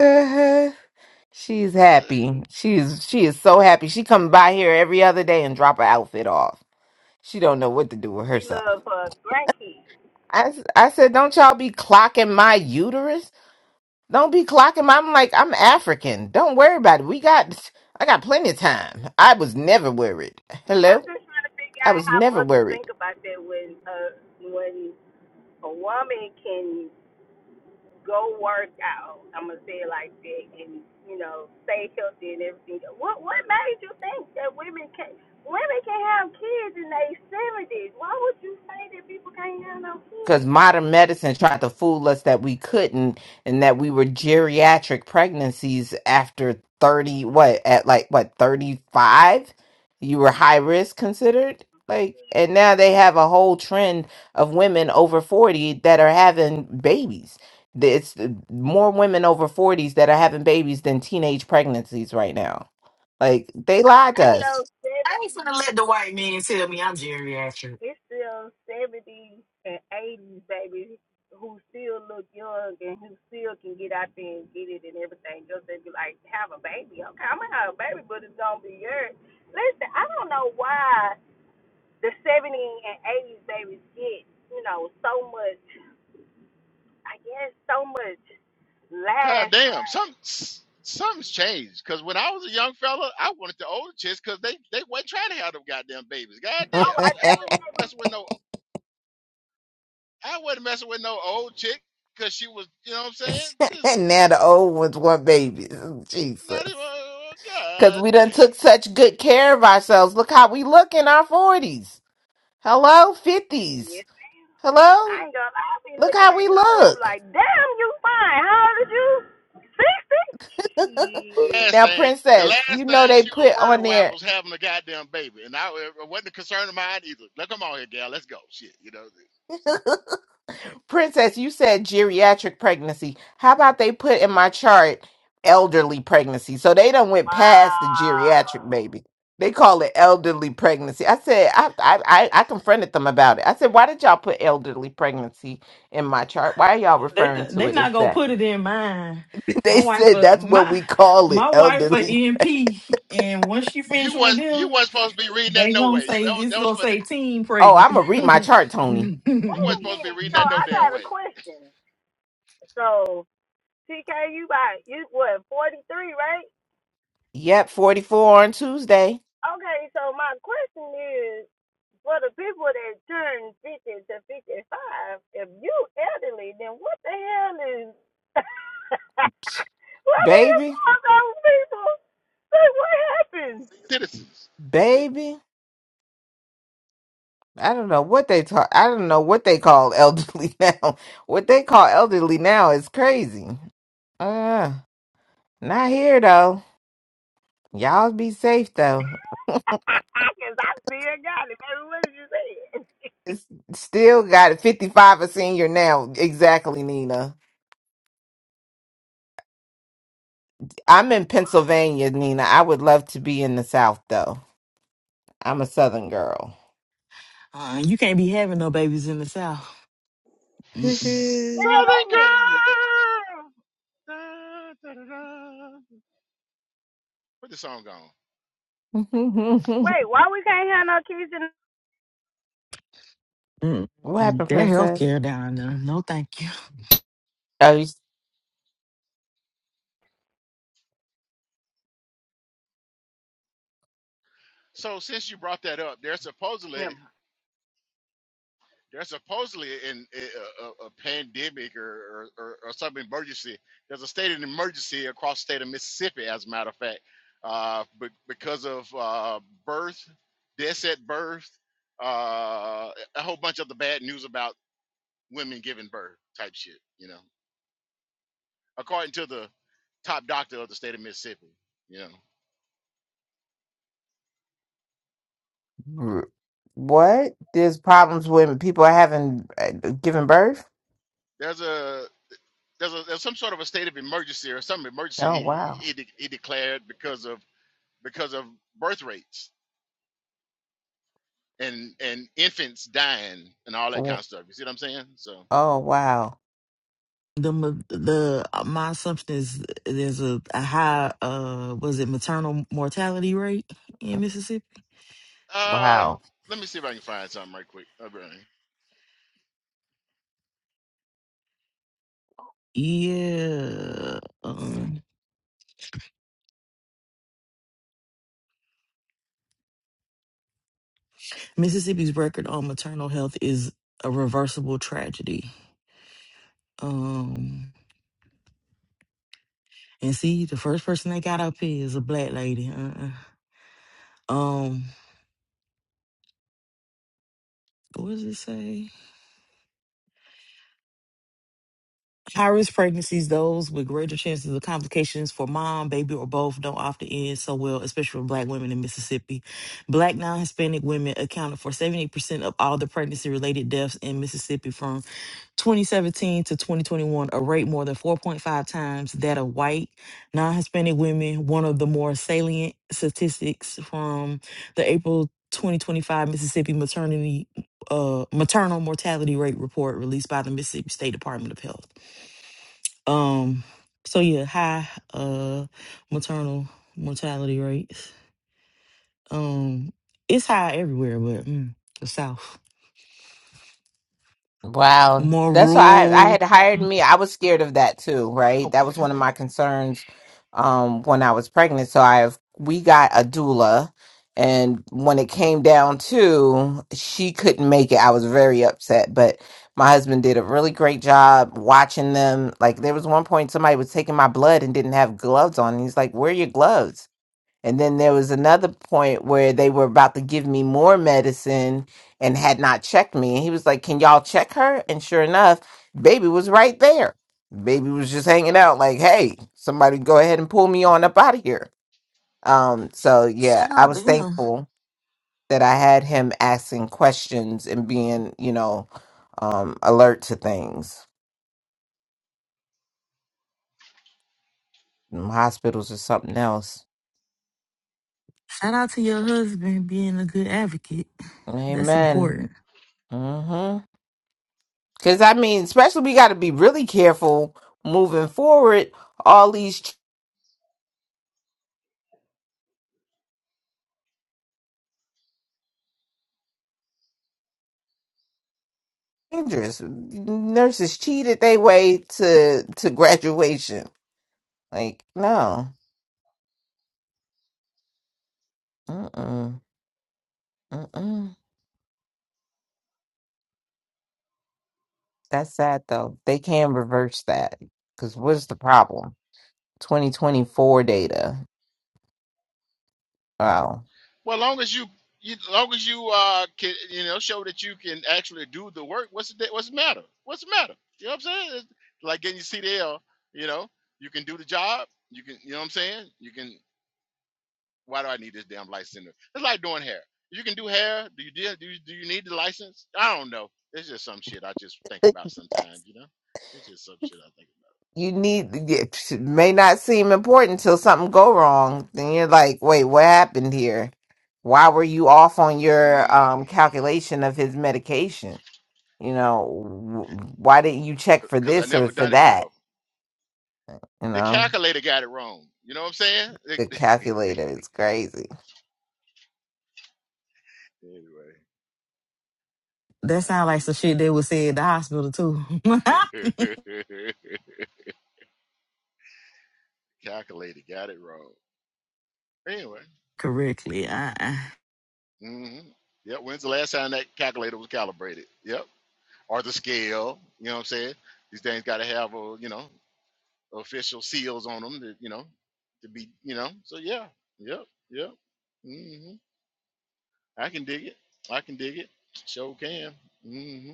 Uh-huh. She's him. happy. She's she is so happy. She come by here every other day and drop her outfit off. She don't know what to do with She herself. loved her grandkids. I, s- I said, don't y'all be clocking my uterus. Don't be clocking my. I'm like, I'm African. Don't worry about it. We got, I got plenty of time. I was never worried. I'm Hello, just trying to figure I out was how never mothers worried. think about that when uh when a woman can go work out, I'm gonna say it like that, and you know stay healthy and everything. What what made you think that women can women can have kids in their seventies? Why would you say that people can't have no because kids? modern medicine tried to fool us that we couldn't and that we were geriatric pregnancies after 30 what at like what 35 you were high risk considered like and now they have a whole trend of women over 40 that are having babies Th- it's uh, more women over 40s that are having babies than teenage pregnancies right now like they lied to I It's us ain't, those I ain't 70s finna let the white man tell me I'm geriatric. it's still 70s and 80s, baby, who still look young and who still can get out there and get it and everything. Just they be like, have a baby. Okay, I'm going to have a baby, but it's going to be yours. Listen, I don't know why the 70s and 80s babies get, you know, so much, I guess, so much God lash damn. on. Some s- something's changed. Cause when I was a young fella, I wanted the older chicks because they, they wasn't trying to have them goddamn babies. God damn. Oh, I I never wasn't said we messing with no I wasn't messing with no old chick because she was you know what I'm saying? This is and now the old ones want babies jesus not even oh, Because god we done damn. took such good care of ourselves. Look how we look in our 40s. Hello? 50s. Yes. Hello? I ain't gonna lie, I be Look looking how at we some women look. like, damn, you fine. How old is you? 60? Shit. last Now, thing, the Princess, last you know thing they she was put on worried about there, was having a goddamn baby, and I it wasn't a concern of mine either. Now come on here, gal, let's go. Shit, you know, Princess, you said geriatric pregnancy. How about they put in my chart elderly pregnancy? So they done went past the geriatric Wow. baby. They call it elderly pregnancy. I said, I, I, I I confronted them about it. I said, why did y'all put elderly pregnancy in my chart? Why are y'all They referring to they it as not gonna that? put it in mine. My they wife, said uh, that's what my we call it, my wife, a elderly. EMP, and once she you finished with was you them, wasn't supposed to be reading that they no gonna way. You say that was, it's that was gonna for say teen Oh, pregnant. I'm gonna read uh, my chart, Tony. you Wait wasn't a supposed to be minute. reading So that no I damn got a way. question. So TK, you by you what forty three, right? Yep, 44 on Tuesday. Okay. So my question is for the people that turn fifty to fifty five, if you elderly, then what the hell is what do you Baby, call those people? Say what happened? Citizens, baby. I don't know what they talk I don't know what they call elderly now. What they call elderly now is crazy. Uh not here though. Y'all be safe though. Cause I still got it, baby. What did you say? It's still got it. 55 a senior now. Exactly, Nina. I'm in Pennsylvania, Nina. I would love to be in the South though. I'm a Southern girl. you can't be having no babies in the south. Mm-mm. What Southern the hell that mean? girl. Da, da, da, da. Put the song on. what Wait, why we can't have no kids Mm-mm. happened, That princess? healthcare down there, no thank you. Oh, you, s- So since you brought that up, there's in? supposedly There's supposedly in a, a, a pandemic or, or, or some emergency. There's a state of emergency across the state of Mississippi, as a matter of fact, uh, be- because of uh, birth, deaths at birth, uh, a whole bunch of the bad news about women giving birth type shit, you know, according to the top doctor of the state of Mississippi, you know. what? There's problems when people are having uh, giving birth. There's a there's a there's some sort of a state of emergency or some emergency Oh he wow. he, de- he declared because of because of birth rates and and infants dying and all that kind Oh of stuff. You see what I'm saying? So oh, wow. The ma- the uh, my assumption is there's a, a high uh was it maternal mortality rate in Mississippi? uh Wow. let me see if I can find something right quick. Uh, Bernie. Yeah. um, Mississippi's record on maternal health is a reversible tragedy. Um, and see, the first person they got up here is a black lady. Uh-uh. Um, what does it say? High risk pregnancies, those with greater chances of complications for mom, baby, or both, don't often end so well, especially for black women in Mississippi. Black non Hispanic women accounted for 70% of all the pregnancy related deaths in Mississippi from. 2017 to 2021, a rate more than 4.5 times that of white, non Hispanic women, one of the more salient statistics from the April 2025 Mississippi maternity uh maternal mortality rate report released by the Mississippi State Department of Health. Um so yeah, high uh maternal mortality rates. Um it's high everywhere but mm, the south Wow. more That's why I, I rural. had hired Mm, me. I was scared of that too, right? oh, That was one of my concerns um when I was pregnant. So I have we got a doula and when it came down to she couldn't make it, I was very upset. But my husband did a really great job watching them. Like there was one point somebody was taking my blood and didn't have gloves on. And he's like, Where are your gloves? And then there was another point where they were about to give me more medicine and had not checked me. And he was like, Can y'all check her? And sure enough, baby was right there. Baby was just hanging out, like, Hey, somebody go ahead and pull me on up out of here. Um, so yeah, Shout I out to was him. thankful that I had him asking questions and being, you know, um, alert to things. Them hospitals are something else. Shout out to your husband being a good advocate. That's Amen. important. Mm-hmm. Because I mean, especially we got to be really careful moving forward. All these changes, nurses cheated their way to to graduation. Like no, mm-mm, mm-mm. That's sad though. They can reverse that. Because what's the problem? Twenty twenty four data. Wow. Well, long as you you long as you uh can you know show that you can actually do the work, what's the what's the matter? What's the matter? You know what I'm saying? It's like getting your CDL, you know, you can do the job. You can, you know what I'm saying? You can Why do I need this damn license? It's like doing hair. You can do hair. Do you do you, do you need the license? I don't know. It's just some shit I just think about sometimes. You know, it's just some shit I think you need it may not seem important till something go wrong then you're like wait what happened here why were you off on your um calculation of his medication you know w- about. why didn't you check for Because I this or never for done it before. that you The know calculator got it wrong. You know what I'm saying? the calculator is crazy anyway, That I sounds hear like some you. shit they would say at the hospital too. calculator got it wrong. Anyway, Correctly. Uh-uh. hmm yep. When's the last time that calculator was calibrated? Yep. or the scale. You know what I'm saying? These things got to have a you know official seals on them that you know to be you know. So yeah, yep, yep. hmm I can dig it. I can dig it. Show can. hmm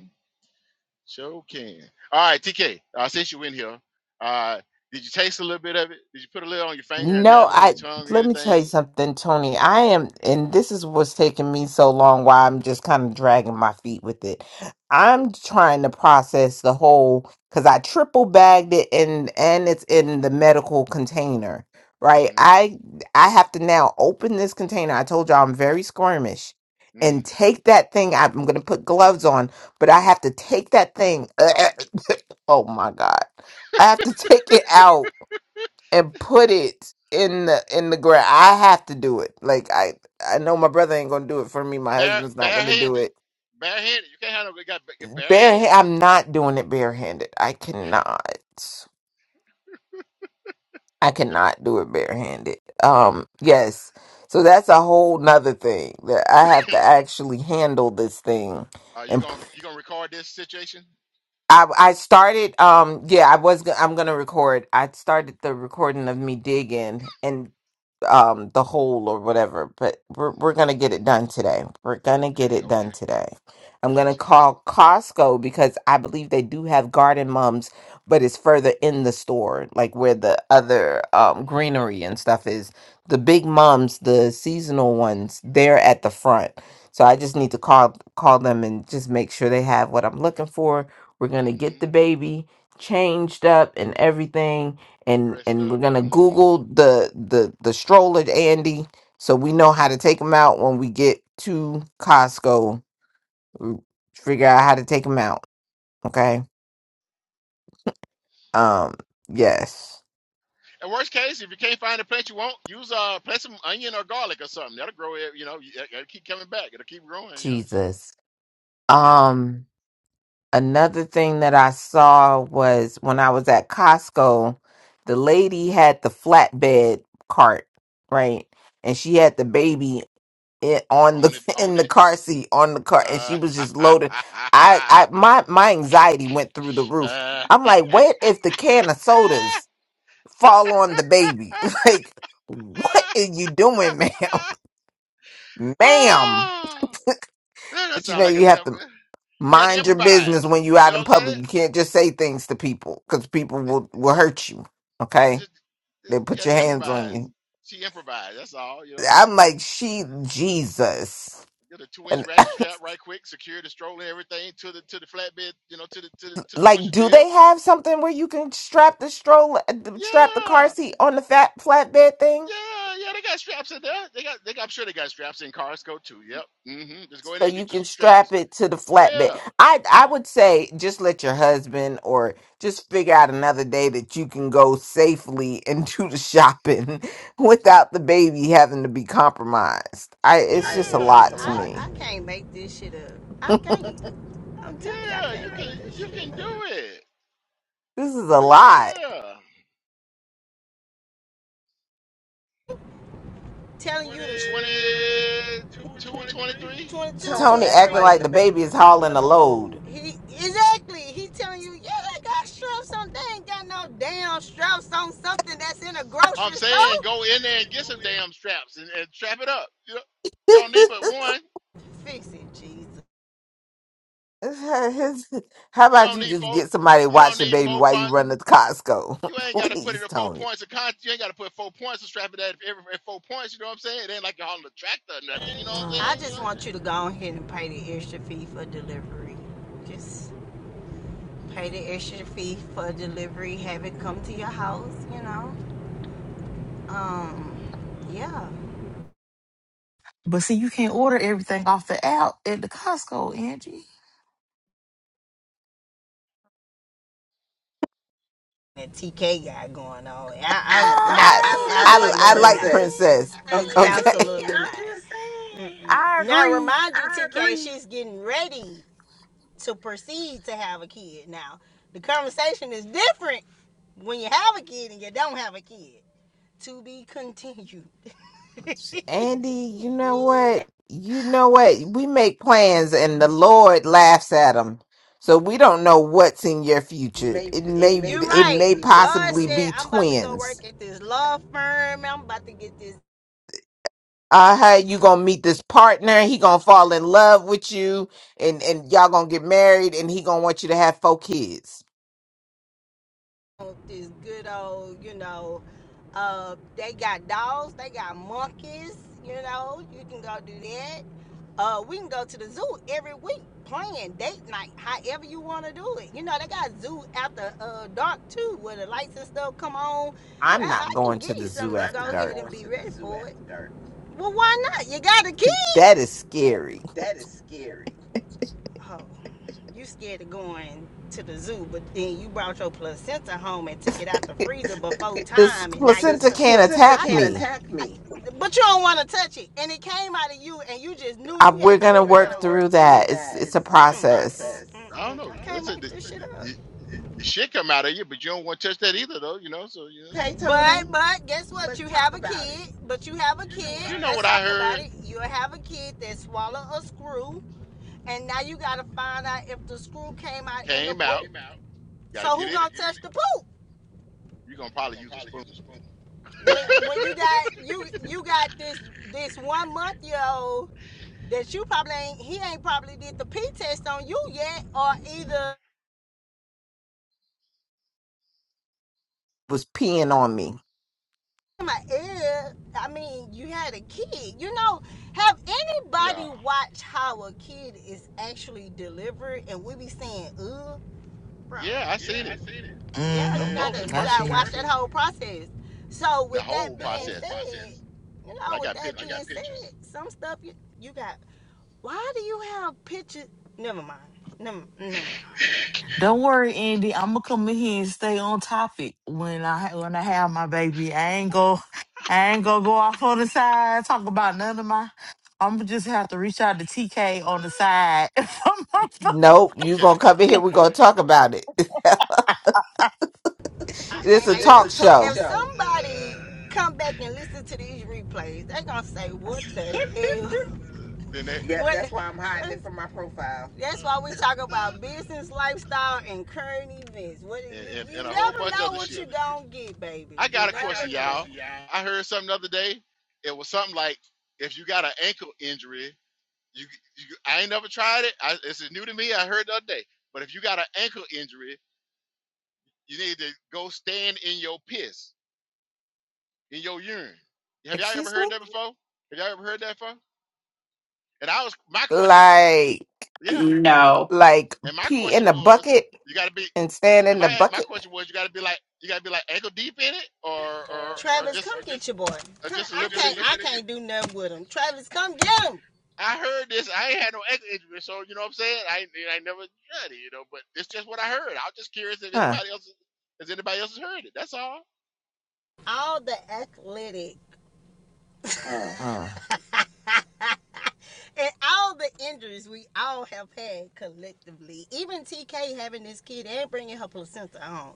Show can. All right, TK. Uh, since you in here, uh, did you taste a little bit of it? Did you put a little on your finger and No, dab it on your I tongue or let me tell anything? you something, Tony. I am, and this is what's taking me so long why I'm just kind of dragging my feet with it. I'm trying to process the whole because I triple bagged it and and it's in the medical container, right? mm I I have to now open this container. I told y'all I'm very squirmish mm. and take that thing. I'm gonna put gloves on, but I have to take that thing. oh my God. I have to take it out and put it in the in the ground. I have to do it. Like I I know my brother ain't gonna do it for me. My Bare husband's not gonna do barehanded, it. barehanded. You can't have no you got ba- bare Bare hands. I'm not doing it barehanded. I cannot. I cannot do it barehanded. Um yes. So that's a whole nother thing that I have to actually handle this thing. Are you And p- gonna you gonna record this situation? I I started um yeah, I was go- I'm going to record. I started the recording of me digging and. um the whole or whatever but we're, we're Mm. gonna get it done today we're gonna Okay, get it done okay. today i'm gonna Gotcha. call costco because i believe they do have garden mums but it's further in the store like where the other um greenery and stuff is the big mums the seasonal ones they're at the front so i just need to call call them and just make sure they have what i'm looking for we're gonna Mm-hmm. get the baby changed up and everything and Dressed and we're up. gonna Mm-hmm. Google the the the stroller, Andy, so we know Mm-hmm. how to take them out when we get to Costco. Mm, Figure out how to take them out. Okay. Um. Yes. And worst case, if you can't find a plant you want, use uh plant some onion or garlic or something. That'll grow it, you know, you- it- will keep coming back. It'll keep growing, you know. Jesus. Yeah. Um. Another thing that I saw was when I was at Costco, the lady had the flatbed cart, right? And she had the baby in, on Own it, the in own the it. car seat on the car and she Uh, was just loaded i i my my anxiety went through the roof i'm like what if the can of sodas fall on the baby like what are you doing ma'am ma'am Ah, that but you sounds know like a you have damn to good. She had to mind your business improvise. when you You out know in what I'm public you can't just say things to people because people will will hurt you saying? okay She, they she put had your to hands on improvise. you She improvised. That's all. You know what i'm like I'm she saying? jesus Get a two-inch ratchet strap right quick, secure the stroller, and everything to the to the flatbed, you know, to the to the to the Like, pusher do deal. they have something where you can strap the stroller, strap the car Yeah. seat on the fat flatbed thing, Yeah, yeah, they got straps in there. They got they got, I'm sure they got straps in Costco too. Yep. Mm-hmm. Just go in so there and you get you can some strap straps. it to the flatbed? Yeah. I I would say just let your husband or just figure out another day that you can go safely and do the shopping without the baby having to be compromised. I it's just a Yeah. It's a lot I, to lot. I me. I can't make this shit up. Dang it, I Yeah. You can't can make this you shit. can do it. This is a lot. Yeah. 22 or 23. Tony Tony acting acting like like the the baby baby is is hauling hauling a the load. load. He exactly. He telling you, yeah, they got straps on. They ain't got no damn straps on something that's in a I'm grocery store. saying go in there and get some damn straps and, and strap it up. You, don't- you don't need but one. Fix it, Jesus. How You about don't you need just four. get somebody to You watch don't the need baby while four. you run to Costco? You ain't got to put it Please, in four Tony. points of con. You ain't got to put four points of strap it at every at four points. You know what I'm saying? It ain't like you're hauling a tractor or nothing. You know what I'm Uh, I saying? You just know. want you to go ahead and pay the extra fee for delivery. Just pay the extra fee for delivery. Have it come to your house. You know, yeah. But see, you can't order everything off the app at the Costco, Angie. That TK guy going on. I, Uh, I, I, no, I, I I I ain't I agree. like I I absolutely like Princess. Princess. Okay. Okay. Absolutely not. just- I Now agree. remind you, I TK, she's getting ready to proceed to have a kid. Now the conversation is different when you have a kid and you don't have a kid. To be continued. Andy, you know what? You know what? We make plans and the Lord laughs at them. So we don't know what's in your It future. may It it may may You're it right. may possibly be God possibly twins. said, be I'm about to go twins. work at this law firm. I'm about to get this uh you gonna meet this partner he gonna fall in love with you and and y'all gonna get married and he gonna want you to have four kids this good old, you know, uh, they got dogs, they got monkeys, you know, you can go do that. Uh, we can go to the zoo every week, playing date night, however you want to do it. You know, they got zoo after uh, dark too, where the lights and stuff come on. i'm I, not I can going give to you the something zoo to I'm go after not ahead dark and be ready for it. dark. Well, why not? You got a kid. that is scary That is scary. Oh. You scared of going to the zoo, but then you brought your placenta home and took it out the freezer before this time, and now you. This placenta can't placenta attack can't can, me attack I, me. I, but you don't want to touch it, and it came out of you, and you just knew I, you we're had to gonna bring I, it home. we're gonna work through work through that it's that. it's a It's it's a Mm, mm, process process. mm, I don't mm. know. I can't That's it. make The- this shit up. You, shit come out of you, but you don't want to touch that either, though. You know. So you know, Okay, But Tony. but but guess what? You have a about it. kid. But you have a kid. you know Let's what I talk about heard it. You have a kid that swallowed a screw, and now you gotta find out if the screw came out in the came poop. out. Got So to get who in it. gonna touch the poop? You're gonna probably use a spoon. when when you got you you got this this one month year old that you probably ain't he ain't probably did the pee test on you yet or either was peeing on me my ear. I mean, you had a kid. You know, have Yeah. anybody watched how a kid is actually delivered and we be saying, ugh, Yeah, I seen it yeah, up close and Mm-hmm. I personal. see. whole process. So The with that, whole process, you and know, I with got that, pictures. some stuff you you got. Why do you have pictures? Never, Don't worry, Andy. I'm gonna come in here and stay on topic when I when I have my baby. I ain't go, I ain't gonna go off on the side talk about none of my. I'm gonna just have to reach out to TK on the side. from my phone. nope Uh, you gonna okay, come in here we're gonna talk about it I sis, it's can't a make It's sis. this. talk a talk if show show. somebody Uh, come back and listen to these replays, they're gonna say, "What the uh, hell?" uh, then they. Uh, Yeah, What- that's the, why I'm hiding it from my profile. That's why we talk uh, about business, lifestyle, and current events. What and, you, and, and you a whole bunch of other shit. don't get, I baby. You got a know, question, y'all. I heard something the other day. It was something like, if you got an ankle injury, you, you I ain't never tried it. I, this is new to me. I heard the other day. But if you got an ankle injury, you need to go stand in your piss, in your urine. Have y'all ever excuse heard me that before? Have y'all ever heard that before? And I was my question, wa- like yeah. No. like And my pee in question the was, bucket you got to be. and stand And in the my my bucket question was, you got to be like, you got to be like ankle deep in it, or or or Travis just or just a little bit of I heard this. I ain't had no ex injury, so you know what I'm saying. I I never got it, you know. But it's just what I heard. I was just curious if huh? anybody else has anybody else has heard it. That's all. Uh, And all the injuries we all have had collectively, even TK having this kid and bringing her placenta home.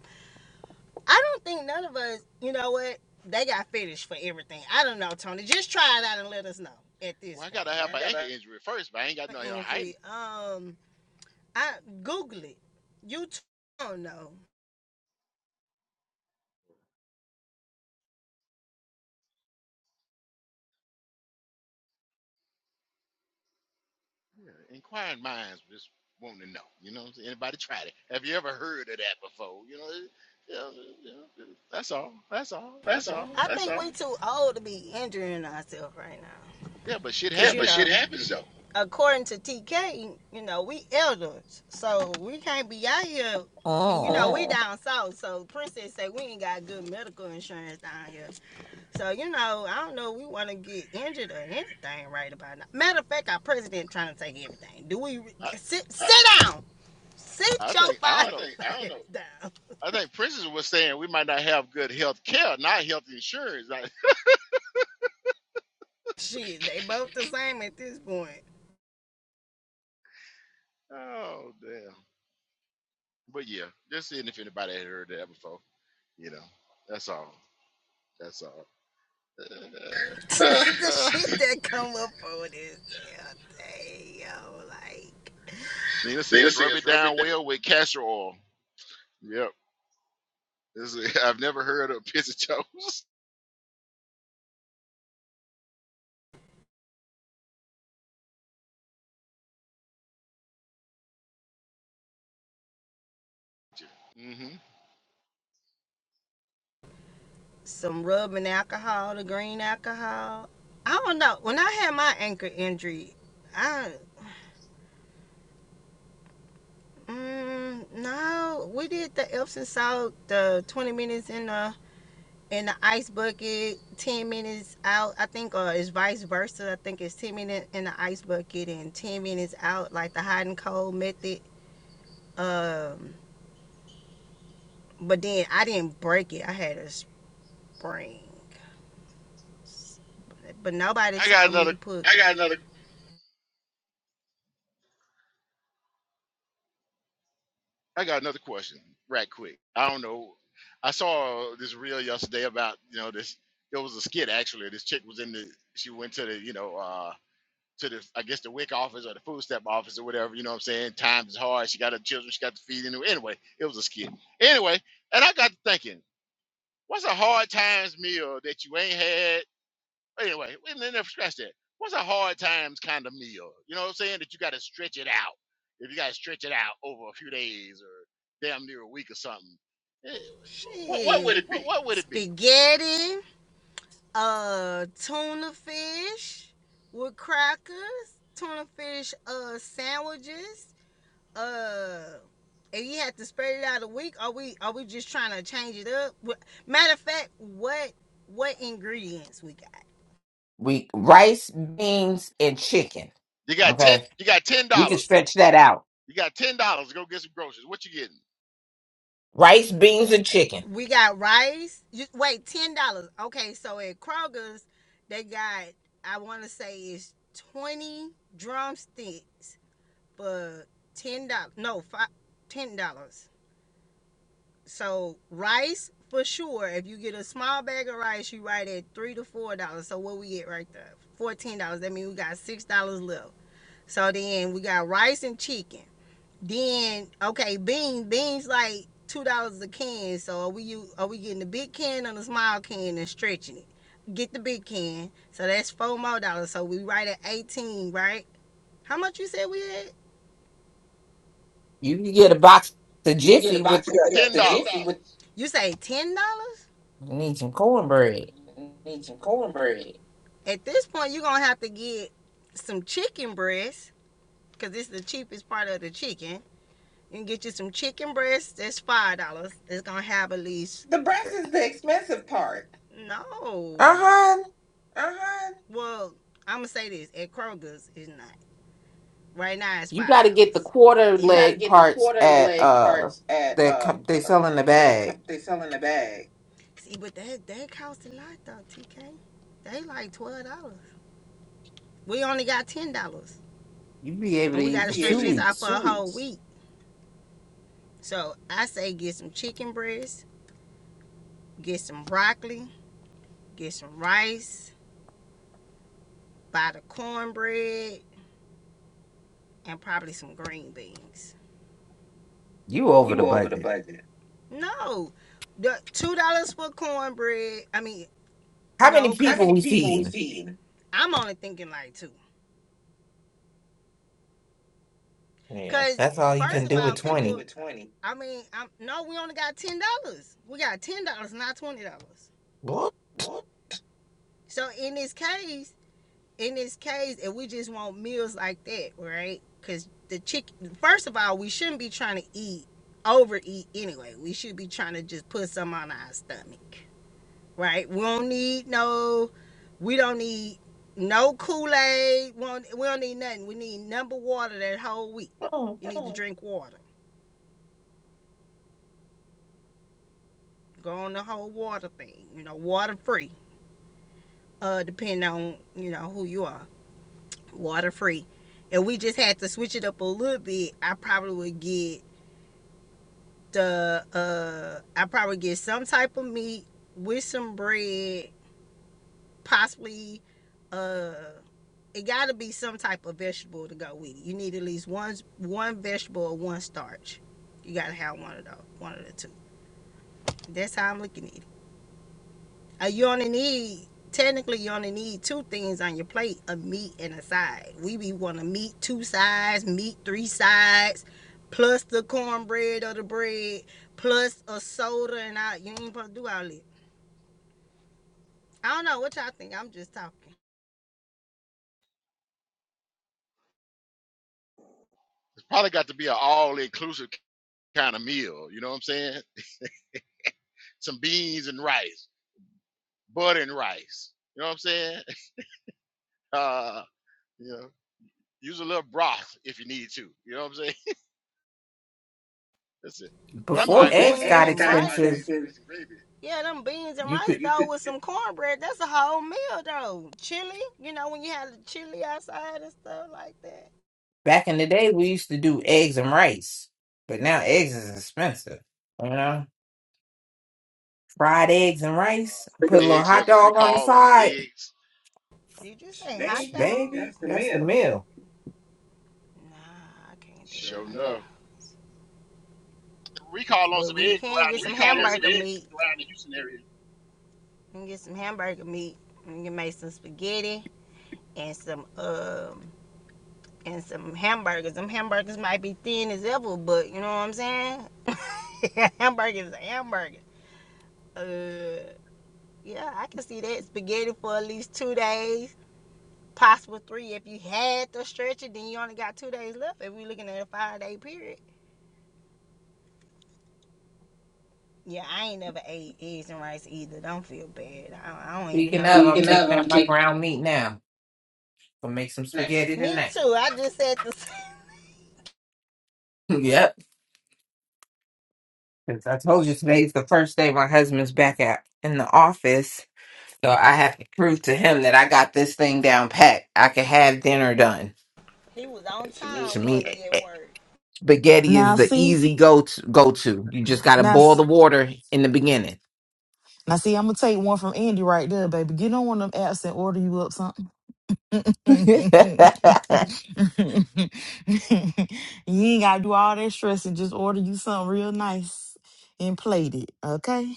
I don't think none of us, you know what, they got finished for everything. I don't know, Tony. Just try it out and let us know at this Well, I point. gotta have an ankle injury first, but I ain't got no. You know, I ain't industry. Um, I Google it. You don't know. yeah, inquiring minds just wanting to know. You know, what I'm saying? anybody tried it? Have you ever heard of that before? You know, it- yeah. know, that's all. That's all. That's all. Yeah, but shit happens though. Okay, you Oh. know we down insurance down here, so you know I don't know. if We want to get injured or anything right about now. Matter of fact, our president trying to take everything. Do we I sit? Sit down. I Sit your think I five don't know. down. I think Princess was saying we might not have good health care, not health insurance. Like, Shit, they both the same at this point. oh damn. But yeah, just seeing if anybody had heard that before. You know, that's all. That's all. Uh, uh, Lena says, rub it down well with castor oil. Yep. This is, I've never heard of pizza toast. hmm Some rubbing alcohol, the green alcohol. I don't know. When I had my ankle injury, I. Mm, no, we did the Epsom salt, the 20 minutes in the in the ice bucket, 10 minutes out. I think uh, it's vice versa. I think it's 10 minutes in the ice bucket and 10 minutes out, like the hot and cold method. Um, but then I didn't break it. I had a spring. But nobody I got told me another. to put I got another question, right quick. I don't know. I saw this reel yesterday about you know this. It was a skit actually. This chick was in the. She went to the you know. uh to the I guess the WIC office or the food stamp office or whatever. You know what I'm saying? Times is hard. She got her children. She got to feed. them. anyway, it was a skit. Anyway, and I got to thinking, what's a hard times meal that you ain't had? Anyway, we didn't never scratch that. What's a hard times kind of meal? You know what I'm saying? That you got to stretch it out. If you got to stretch it out over a few days or damn near a week or something, eh, shit. what what would it be? we rice, beans, and chicken. You got ten. Okay, You got ten we can dollars. stretch that out. You got ten dollars to go get some groceries. What you getting? Rice, beans, and chicken. We got rice. You, wait, ten dollars. Okay, so at Kroger's, they got I want to say it's 20 drumsticks for ten dollars. No, five, ten dollars. So rice for sure. If you get a small bag of rice, you right at three to four dollars. So what we get right there, fourteen dollars. That means we got six dollars left. So then we got rice and chicken. Then okay, beans. Beans like two dollars a can. So are we u- are we getting the big can or the small can and stretching it? Get the big can. So that's four more dollars. So we right at eighteen, right? How much you said we had? You can get a box of You can get a Jiffy with box. Ten dollars. You say ten dollars? you need some cornbread. Need some cornbread. At this point, you're gonna have to get some chicken breast because this is the cheapest part of the chicken. You can get you some chicken breast. That's five dollars. It's gonna have at least The breast is the expensive part. Uh no. huh. Uh huh. Well, I'm gonna say this at Kroger's is not. Right now it's You five got to get the dollars. quarter You, got to leg get the parts quarter at leg uh parts at that uh, come, they uh, sell in the that bag. they sell in the bag. see, but that that costs a lot though, TK. They like twelve dollars. We only got ten dollars, You be able to and we eat got to for Yeah, two stretch this out for weeks. a whole week. So I say get some chicken breasts, get some broccoli, get some rice, buy the cornbread, and probably some green beans. You over the You over the budget. budget. No, the two dollars for cornbread. I mean How many No, cause How people many we people we feeding? feed? I'm only thinking like two. Yeah, Cause that's Yeah, all you first can of all do all, with do people. twenty. with twenty. I mean, I'm, no, we only got ten dollars. We got ten dollars, not twenty dollars. Boy, What? So in this case, in this case, if we just want meals like that, right? Because the chicken, first of all, we shouldn't be trying to eat overeat anyway. We should be trying to just put some on our stomach, right? We don't need no We don't need no Kool Aid. We don't we don't need nothing. We need number water that whole week. You need to drink water. Go on the whole water thing. You know, water free. Uh, depending on you know who you are, water free. If we just had to switch it up a little bit, I probably would get the uh, I probably get some type of meat with some bread, possibly uh it got to be some type of vegetable to go with it. You need at least one one vegetable or one starch. You got to have one of those, one of the two. That's how I'm looking at it. Uh, you only need technically you only need two things on your plate: a meat and a side. We be want a meat two sides, meat three sides, plus the cornbread or the bread, plus a soda and all. You ain't supposed to do all that. I don't know what y'all think. I'm just talking. Probably got to be an all inclusive kind of meal. You know what I'm saying? Some beans and rice, butter and rice. You know what I'm saying? Uh, you know, use a little broth if you need to. You know what I'm saying? That's it. But I'm But all them Before right with Before beans eggs some eggs rice got and and gravy. expensive, yeah, them beans and you rice could. you though with some cornbread, that's a whole meal though. Chili, you know when you had the chili outside and stuff like that. Back in the day, we used to do eggs and rice, but now eggs is expensive. You know, fried eggs and rice. Put a little Eggs, hot there's a dog on the recall on side, eggs. Did you say hot they dog? baby. that's the That's the meal. meal. Nah, I can't. Sure enough. Recall on But some we eggs can around get the Houston area. can get some hamburger meat. We can make some spaghetti and some um and some hamburgers. Them hamburgers might be thin as ever, but you know what I'm saying? hamburgers, are hamburgers. Uh... Yeah, I can see that spaghetti for at least two days, possible three. If you had to stretch it, then you only got two days left. If we're looking at a five day period. Yeah, I ain't never ate eggs and rice either. Don't feel bad. I, I don't even Speaking know his of, You I'm can name. have taking them. out my ground meat now. Gonna make some spaghetti Me tonight. too. I just said the same. Yep, because I told you today's the first day my husband's back at in the office, so I have to prove to him that I got this thing down pat. I can have dinner done. He was on To time, one me. day at work? Spaghetti now is the see, easy go to, go to. You just got to now boil s- the water in the beginning. now see, I'm gonna take one from Andy right there, baby. Get on one of them apps and order you up something. and you ain't gotta do all that stress and just order you something real nice and plate it, okay?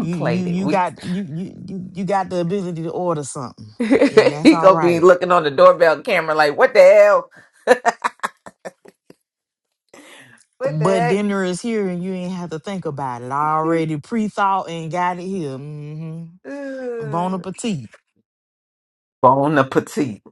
You you played it. you We got you you you you got the ability to order something, and that's he all gonna be right. looking on the doorbell camera like, what the hell? What But the dinner is here, and you ain't have to think about it. I heck? already pre-thought and got it here. hmm Bon Ugh. appetit. Bon appetit.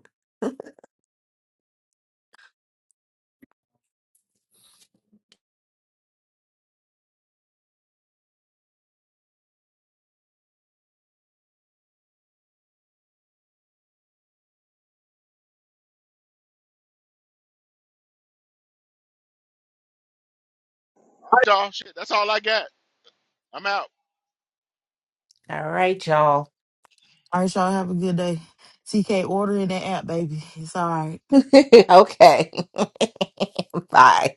Y'all, shit, that's all I got. I'm out. All right, y'all. All right, y'all have a good day. TK, order in the app, baby. It's all right. okay. Bye.